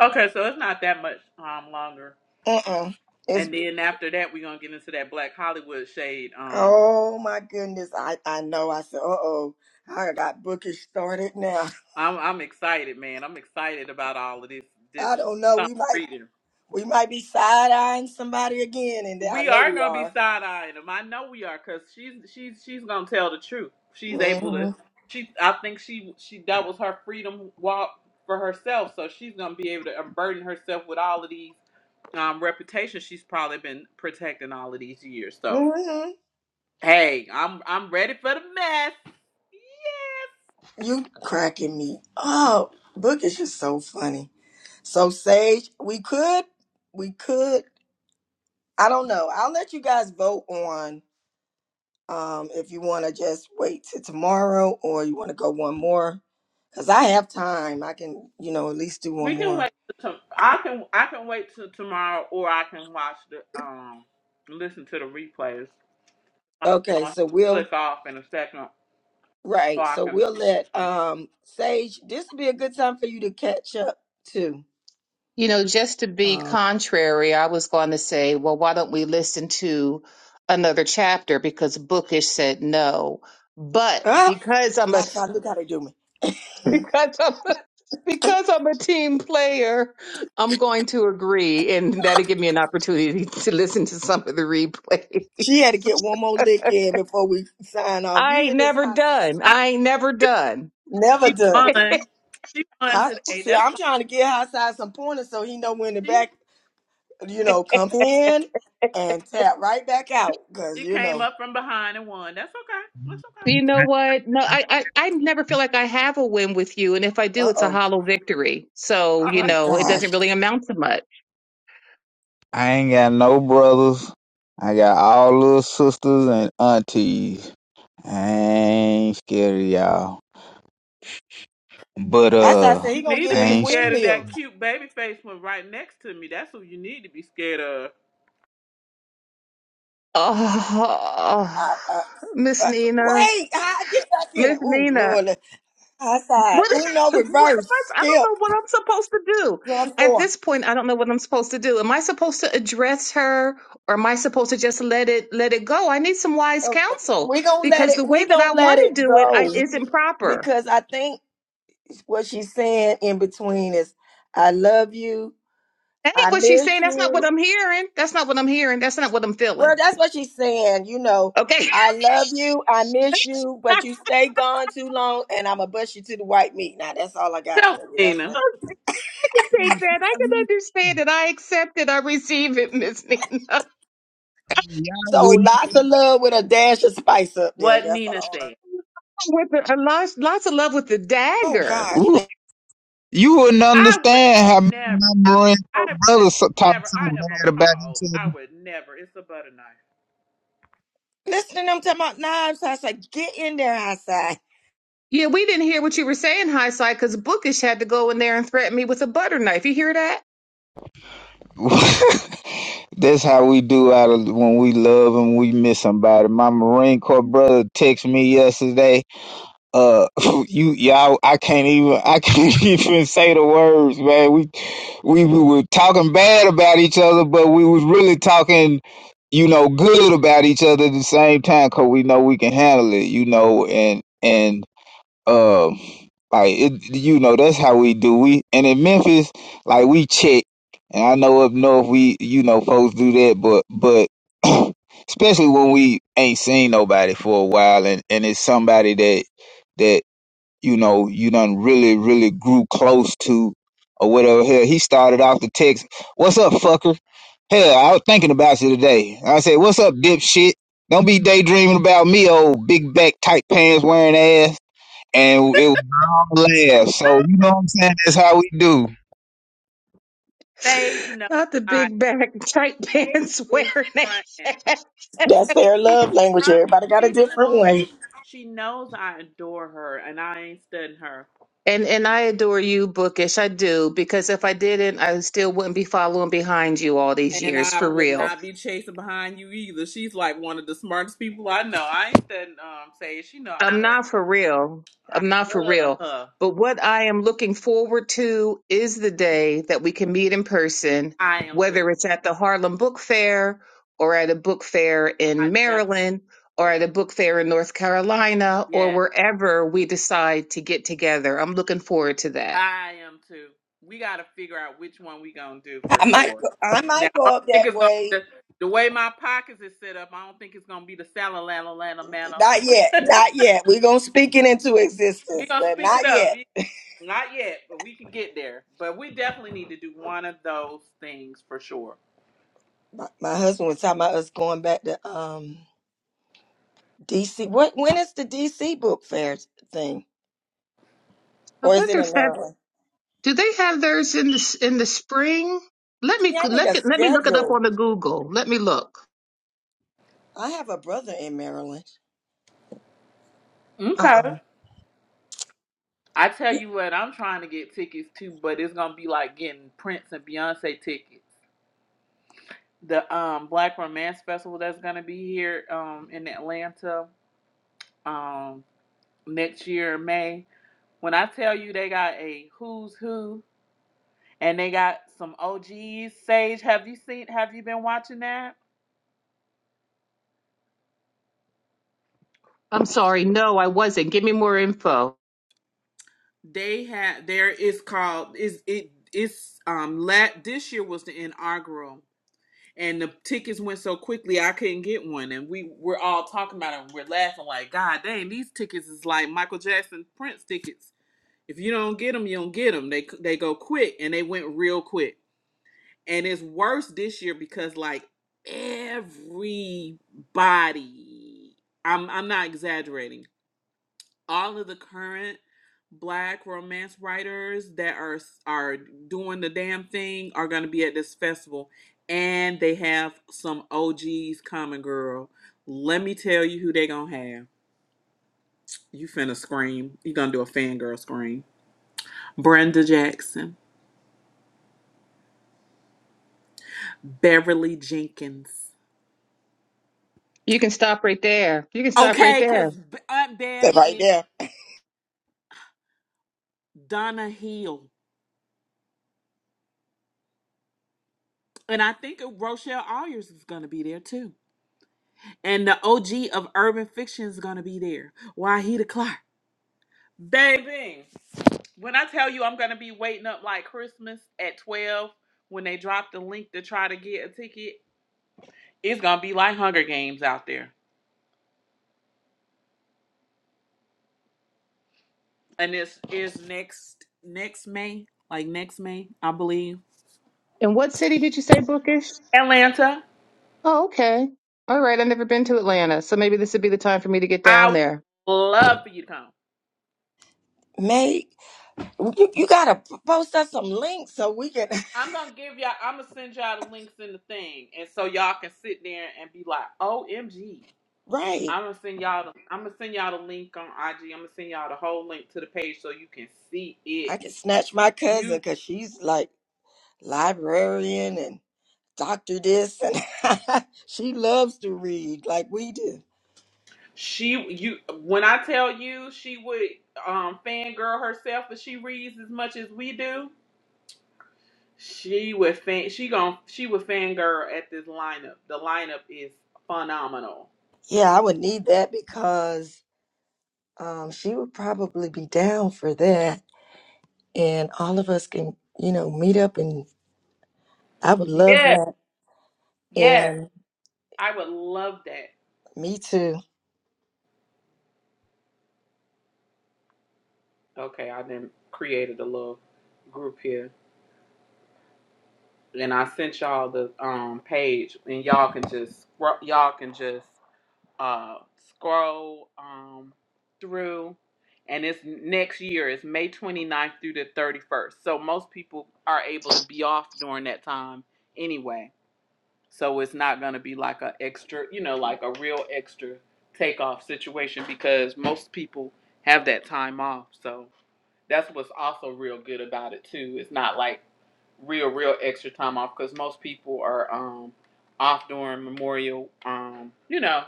Okay, so it's not that much um longer. And then after that we're gonna get into that black Hollywood shade. Um I'm I'm excited, man. I'm excited about all of this this stuff reading. We are gonna be side eyeing him. I know we are, cause she's she's she's gonna tell the truth. She's able to. She, I think she she that was her freedom walk for herself. So she's gonna be able to unburden herself with all of these um reputations she's probably been protecting all of these years. So hey, I'm I'm ready for the mess. Yes, we can wait. To, I can I can wait till tomorrow, or I can watch the um listen to the replays. I'll click off in a second, so I can.
You know, just to be contrary, I was going to say, well, why don't we listen to another chapter because Bookish said no. But because I'm a because I'm a, because I'm a team player, I'm going to agree, and that'll give me an opportunity to listen to some of the replays. I ain't never done.
I
I ain't never
think
done.
she won. She won today. That's fine. She she came up from behind and won. That's okay. That's
You
okay.
know what? No, I, I, I never feel like I have a win with you. And if I do, it's a hollow victory. So, you know, it doesn't really amount to much.
I ain't got no brothers. I got all little sisters and aunties. I ain't scared of y'all. But uh
you need to
I
be
ain't s-
scared of that cute baby face one right next to me. That's who you need to be scared of.
Oh, Miss Nina. Miss Nina, what, what am I, I don't know what I'm supposed to do. At this point, I don't know what I'm supposed to do. Am I supposed to address her or am I supposed to just let it, let it go? I need some wise counsel because the way that I want to do it I, isn't proper. That ain't what she's saying. That's not what I'm hearing. That's not what I'm hearing. That's not what I'm feeling. Okay.
Tell her, Nina
I can take
y'all
that. I can understand it. I accept it. I receive it, Miss Nina.
wouldn't
what Nina said.
With the, a lot, lots of love with the dagger.
ooh, you wouldn't
I would
understand how me and
never.
my Marine Corps
I would
brothers so- talk
never.
so
I am
bad about
appalled.
each
I would never. It's a butter knife.
Yeah, we didn't hear what you were saying, High Side, because Bookish had to go in there and threaten me with a butter knife. You hear that?
other. That's how we do out of when we love and we miss somebody. My Marine Corps brother texted me yesterday uh you y'all I can't even I can't even say the words, man. We we, we were talking bad about each other, but we was really talking, you know, good about each other at the same time, 'cause we know we can handle it, you know, and and um, like it, you know, that's how we do. We and in Memphis, like we check, and I know up north we, you know, folks do that, but but especially when we ain't seen nobody for a while, and and it's somebody that that you know you done really really grew close to or whatever. Hell, he started off the text, "What's up, fucker?" Hell, I was thinking about you today. I said, "What's up, dipshit?" Don't be daydreaming about me, old big back tight pants wearing ass and it was all laughs. So you know what I'm saying? That's how we do.
Sage no.
Not the
I.
big bag, tight
Sage
pants
is
wearing
fronting.
it.
She's from. She knows. She knows I adore her, and I ain't studying her.
And and I adore you, Bookish. I do because if I didn't, I still wouldn't be following behind you all these
And
years
I
for
would
real.
not be chasing behind you either. She's like one of the smartest people I know. I ain't studying. Um, say she know I
I'm
love
not
her.
for real.
I
I'm not for
love
real.
her.
But what I am looking forward to is the day that we can meet in person,
I am too.
whether it's at the Harlem Book Fair or at a book fair
I
in
definitely
Maryland or
would.
at a book fair in North Carolina or
Yes,
wherever we decide to get together. I'm looking forward to that.
I am too. We got to figure out which one we gonna do for sure. Now I don't think it's gonna the, the way my pockets is set up. I don't think it's gonna be the salad, lala, lala, manna. we gonna speak it up. Not yet, but we can get there. But we definitely need to do one of those things for sure.
I wonder if that Do they have theirs in the in the spring? Let me let me, let me look it up on the Google. Let me look.
Okay. I tell you what, I'm trying to get tickets too, but it's gonna be like getting Prince and Beyonce tickets. The um Black Romance Festival that's gonna be here um in Atlanta um next year in May. When I tell you they got a who's who and they got some OGs. Sage, have you seen have you been watching that?
I'm sorry. No, I wasn't. Give me more info.
they have there is called is it it's um lat this year was the inaugural and the tickets went so quickly I couldn't get one and we were all talking about it and we're laughing like God dang these tickets is like Michael Jackson Prince tickets if you don't get them you don't get them they they go quick and they went real quick and it's worse this year because like everybody I'm I'm not exaggerating all of the current black romance writers that are are doing the damn thing are going to be at this festival and they have some OGs coming, girl let me tell you who they gonna have you finna scream you gonna do a fangirl scream Brenda Jackson Beverly Jenkins
You can stop right there. You can stop right
okay cause
there.
Aunt Bev is Donna Hill and I think Rochelle Ayers is gonna be there too And the OG of urban fiction is gonna be there. Why he the Clark? Baby. When I tell you I'm gonna be waiting up like Christmas at 12 when they drop the link to try to get a ticket, it's gonna be like Hunger Games out there. And this is next next May, like next May, I believe.
In what city did you say bookish?
Atlanta.
Oh, okay. All right. I've never been to Atlanta, so maybe this would be the time for me to get
I
down
would
there.
love for you to come. I'm gonna give y'all I'm gonna send y'all the links in the thing and so y'all can sit there and be like, OMG. I'm gonna send y'all. The, I'm gonna send y'all the link on IG. I'm gonna send y'all the whole link to the page so you can see it. You, she, you. When I tell you, she would um fangirl herself if she reads as much as we do. She would fan. She gon' She would fangirl at this lineup. The lineup is phenomenal. Yes, yes. I would love that. Okay, I then created a little group here. and I sent y'all the um page, and y'all can just scroll, y'all can just uh scroll um through, and it's next year. It's May 29th through the 31st, so most people are able to be off during that time anyway. So it's not gonna be like a extra, you know, like a real extra takeoff situation because most people have that time off. So that's what's also real good about it too. It's not like real, real extra time off because most people are um off during Memorial, um, you know,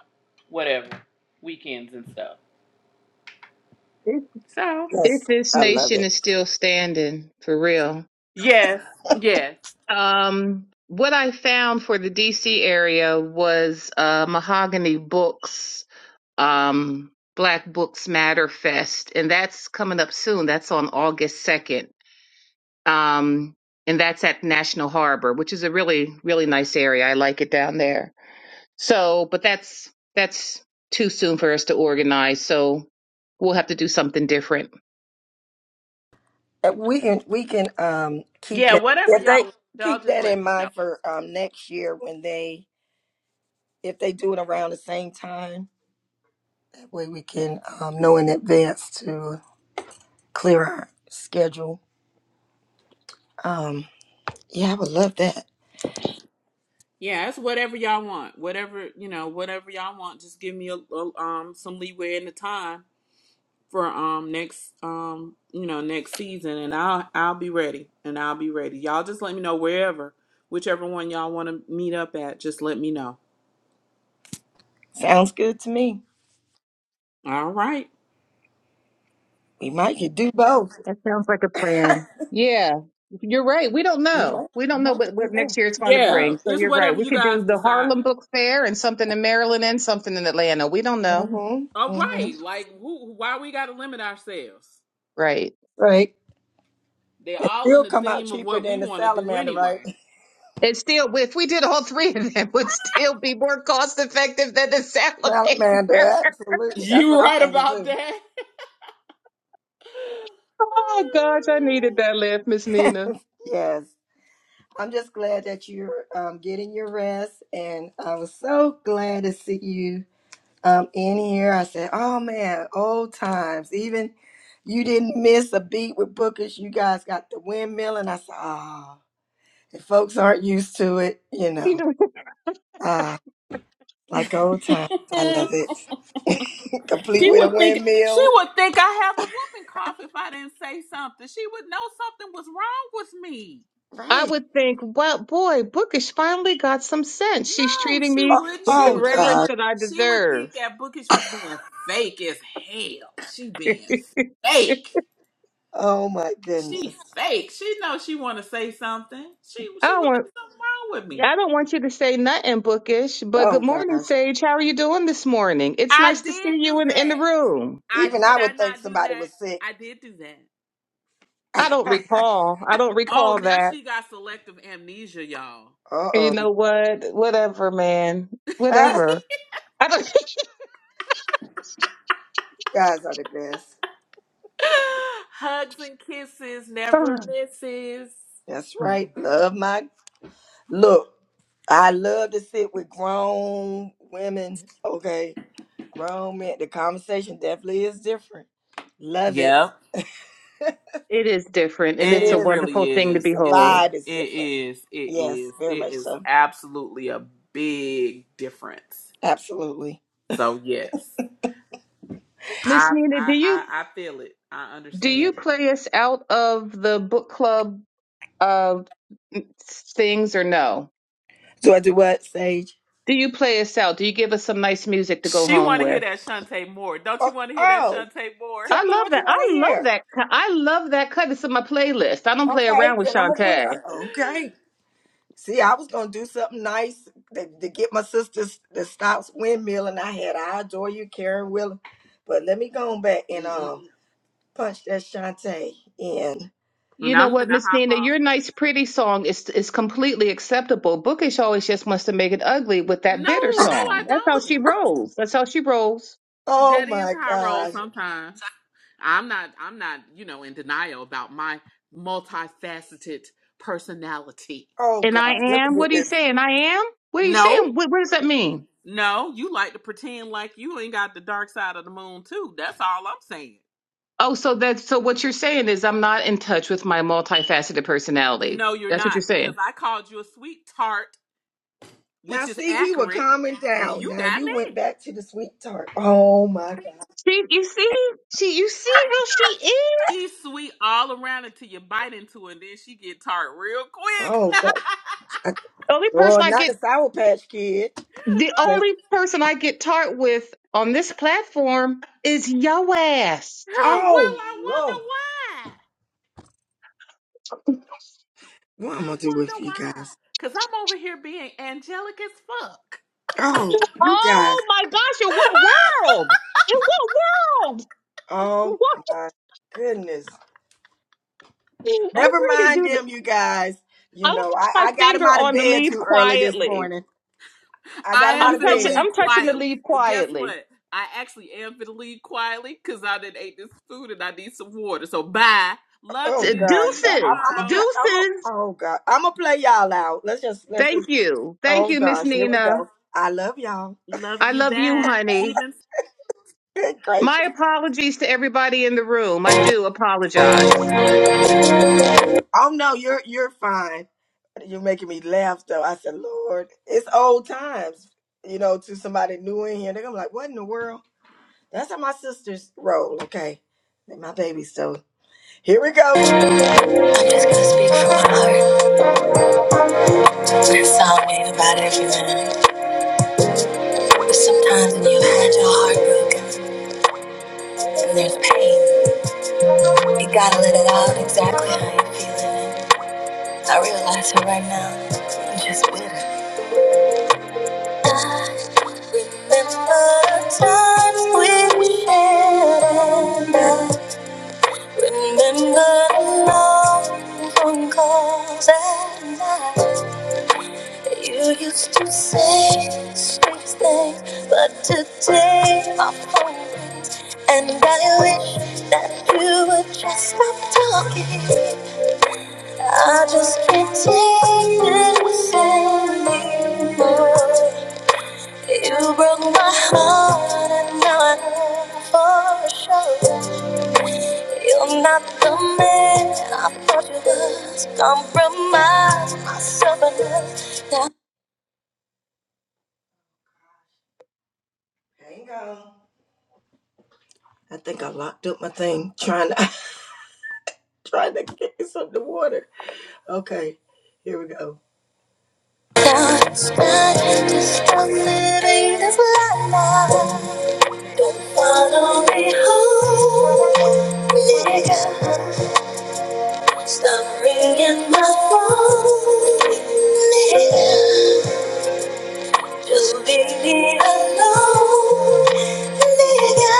whatever weekends and stuff.
If
So
if this nation is still standing for real,
yes, yes,
um, what I found for the D.C. area was uh, Mahogany Books, um, Black Books Matter Fest, and that's coming up soon. That's on August second. um, and that's at National Harbor, which is a really really nice area. I like it down there. So, but that's that's too soon for us to organize. So we'll have to do something different.
yeah, whatever y'all want, y'all just let me know. Yeah, it's whatever y'all want, whatever you know, whatever y'all want. Just give me a, a um some leeway in the time for um next um you know next season and I'll I'll be ready and I'll be ready. Y'all just let me know wherever whichever one y'all want to meet up at just let me know. All right.
That sounds like a plan. Yeah, you're right. We don't know. We don't know what, what next year it's going to
Yeah,
bring. So
it's
you're right.
whatever
We
you
could
guys
do the
decide.
Harlem Book Fair and something in Maryland and something in Atlanta. We don't know.
All right. Like who why we got to limit ourselves?
Right.
They're all in the theme of what we want to do anyway.
It's still, if we did all three of them, it would still be more cost effective than the salamander.
You right about that?
Oh gosh, I needed that laugh, Miss Nina. You know,
She would think she would think I have the whooping cough if I didn't say something. She would know something was wrong with me.
I would think, well, boy, Bookish finally got some sense. She's
No,
treating
she
me
wouldn't.
with
She
the
would think
reverence that I
she would
deserve.
think that Bookish was being fake as hell. She being fake. She fake. She knows she want to say something. She she
I
would
want
think something wrong with me.
I don't want you to say nothing bookish, but good morning, Sage. How are you doing this morning? It's
I
nice to
did
see you
do
in, in the
that.
room.
I did I not do that? I did do that.
I don't recall. I don't
Oh,
recall
now
that.
she got selective amnesia, y'all.
You know what? Whatever, man. Whatever. I
Hugs and kisses, never
don't.
misses. Yep,
it is different,
it,
and it's a
it
wonderful
really
thing to
is. It's
behold.
it is it is it is absolutely a big difference. So yes,
Miss
I
Nina,
I
do
I,
you
I feel it. I
do you
understand it.
play us out of the book club uh, things or no? Do you play us out? Do you give us some nice music to go
She
home
want to
with?
hear that Shantae Moore. Don't you want to hear that Shantae Moore?
I love that. I love that. co- I love that cut. It's in my playlist. I don't play around with Shantae.
Mm-mm.
You
And
know
I'm
what,
gonna
Miss
hop
Nina?
off.
Your nice, pretty song is is completely acceptable. Bookish always just wants to make it ugly with
No,
that
no,
bitter
I
song. That's how she
don't.
rolls. That's how she rolls.
That is high roll sometimes. I'm not I'm not, you know, in denial about my multifaceted personality.
And I am. What are you saying? I am. What are you
No,
saying? What, what does that mean?
no, you like to pretend like you ain't got the dark side of the moon too. That's all I'm saying.
Oh, so that so what you're saying is I'm not in touch with my multifaceted personality.
No, you're
That's what you're
not, because
saying.
I called you a sweet tart, which is accurate, and you got mad.
See, you see, see, you see how she is.
She's sweet all around until you bite into her, and then she get tart real quick.
The only person I get The only person I get tart with on this platform is yo ass.
well, I wonder why. I wonder why. Cause I'm over here being angelic as fuck.
Oh my gosh, in what world? In what world? What? I'm ready to do this. I'm putting my finger on the leaf quietly.
I am
I'm
finna
touching
leave
I'm touching the
quietly.
leaf
And guess
quietly.
what? I actually am finna leave quietly because I didn't ate this food and I need some water. So bye. Love you. See you
Deuces.
tomorrow.
Deuces. Thank you. Thank you, Miss Nina.
Love
I
you
love you,
back.
honey.
Even
My apologies to everybody in the room. I do apologize.
I'm just gonna speak from my heart and sound wave about everything. Sometimes when you've had your heart broken and there's pain, you gotta let it out exactly how you're feeling. I realize it right now. I'm just bitter. Remember the times we shared and I remember the long phone calls at night. You used to say sweet things, but today my phone rings and I wish that you would just stop talking. I just can't take this anymore. You broke my heart, and now I know for sure you're not the man I thought you was. Compromise myself enough. Now, now it's not just a living this life. Don't follow me home, nigga. Stop ringing my phone, nigga. You leave me alone, Lydia.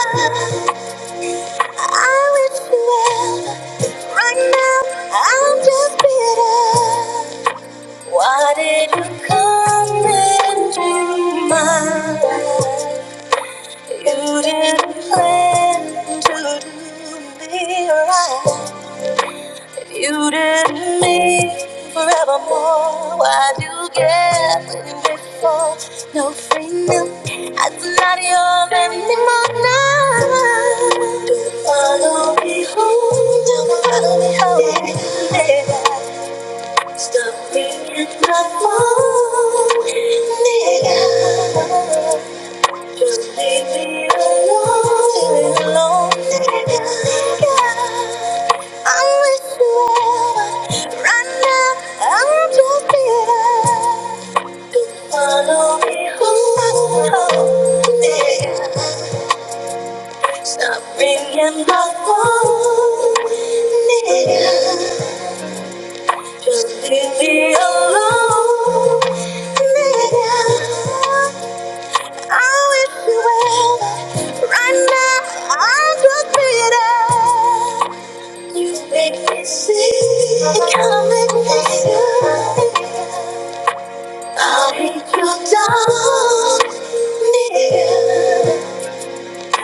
I wish you well. Right now, I'm just bitter. Why did you come into my life? You didn't plan to do me right. You didn't me forevermore. Why'd you get me before? No freedom. I'm not yours anymore now. Do you follow me home? Do you follow me home? Nigga, stop being my phone. Nigga. Just just leave leave me me alone, leave me alone, I I'm with you ever, right now I'm just here. wanna Stop ringing my phone, nigga. Just leave me alone, nigga. I wish you well. Right now, I'm just bleeding. You make me sick. You make me sick. I'll beat you down, nigga.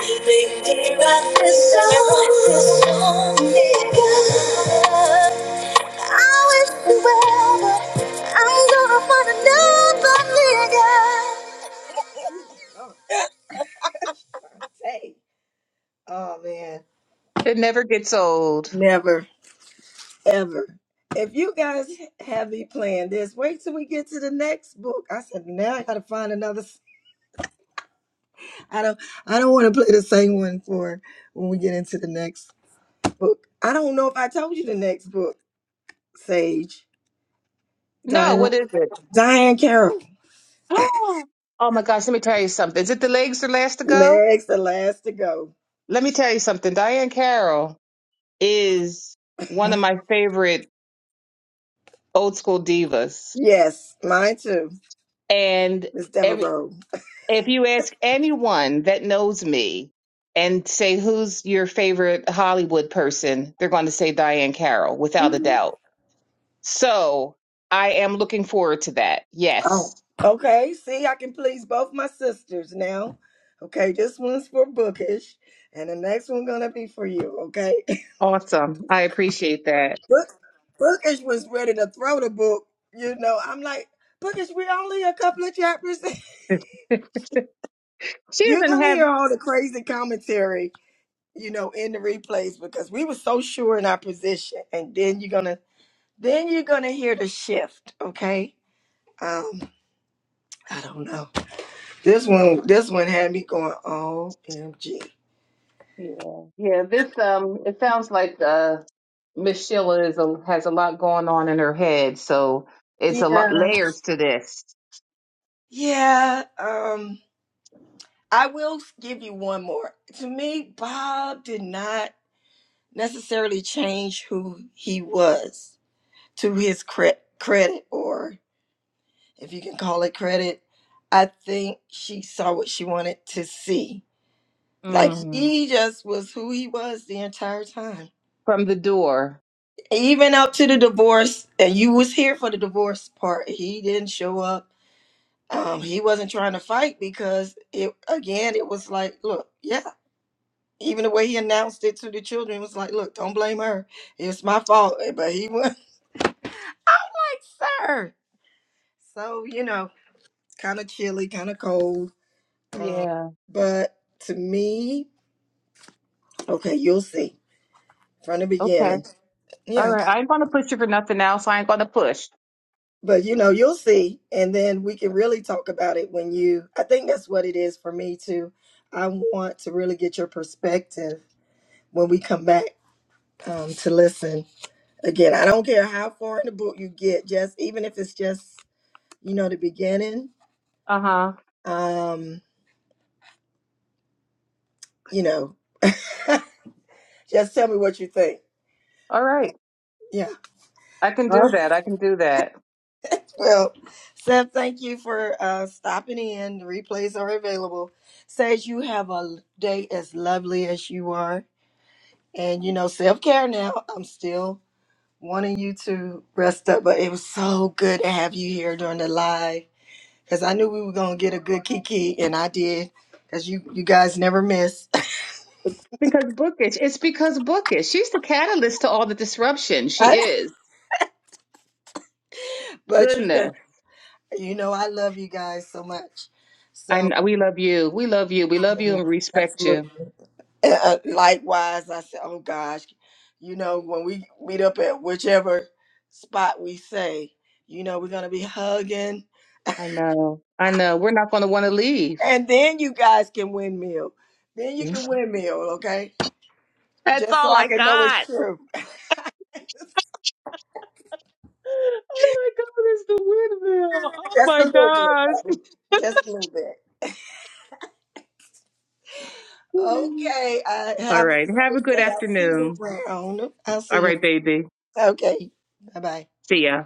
Make me write this song, nigga. I wish you well, but I'm gonna find another nigga.
It never gets old. No, what is it? Oh my gosh, let me tell you something. Is it the legs are last to go? Let me tell you something. Diane Carroll is one of my favorite old school divas. And every if you ask anyone that knows me and say who's your favorite Hollywood person, they're going to say Diane Carroll without a doubt. So I am looking forward to that. Yes. Awesome. I appreciate that. she doesn't have. Yeah, yeah. This um, it sounds like uh, Miss Sheila is a, has a lot going on in her head, so it's a lot layers to this. Mm. From the door. Yeah. Okay. All right. I ain't gonna push you for nothing now, so I ain't gonna push. Uh huh. All right. I can do that. I can do that. Because bookish. It's because bookish. She's the catalyst to all the disruption. She is. Goodness. I know. We love you. We love you. We love you and respect you. I know. I know. We're not gonna want to leave. That's all I got. Oh my god, it's the windmill. Oh my gosh. all right. Have a good afternoon. All right, baby. See ya.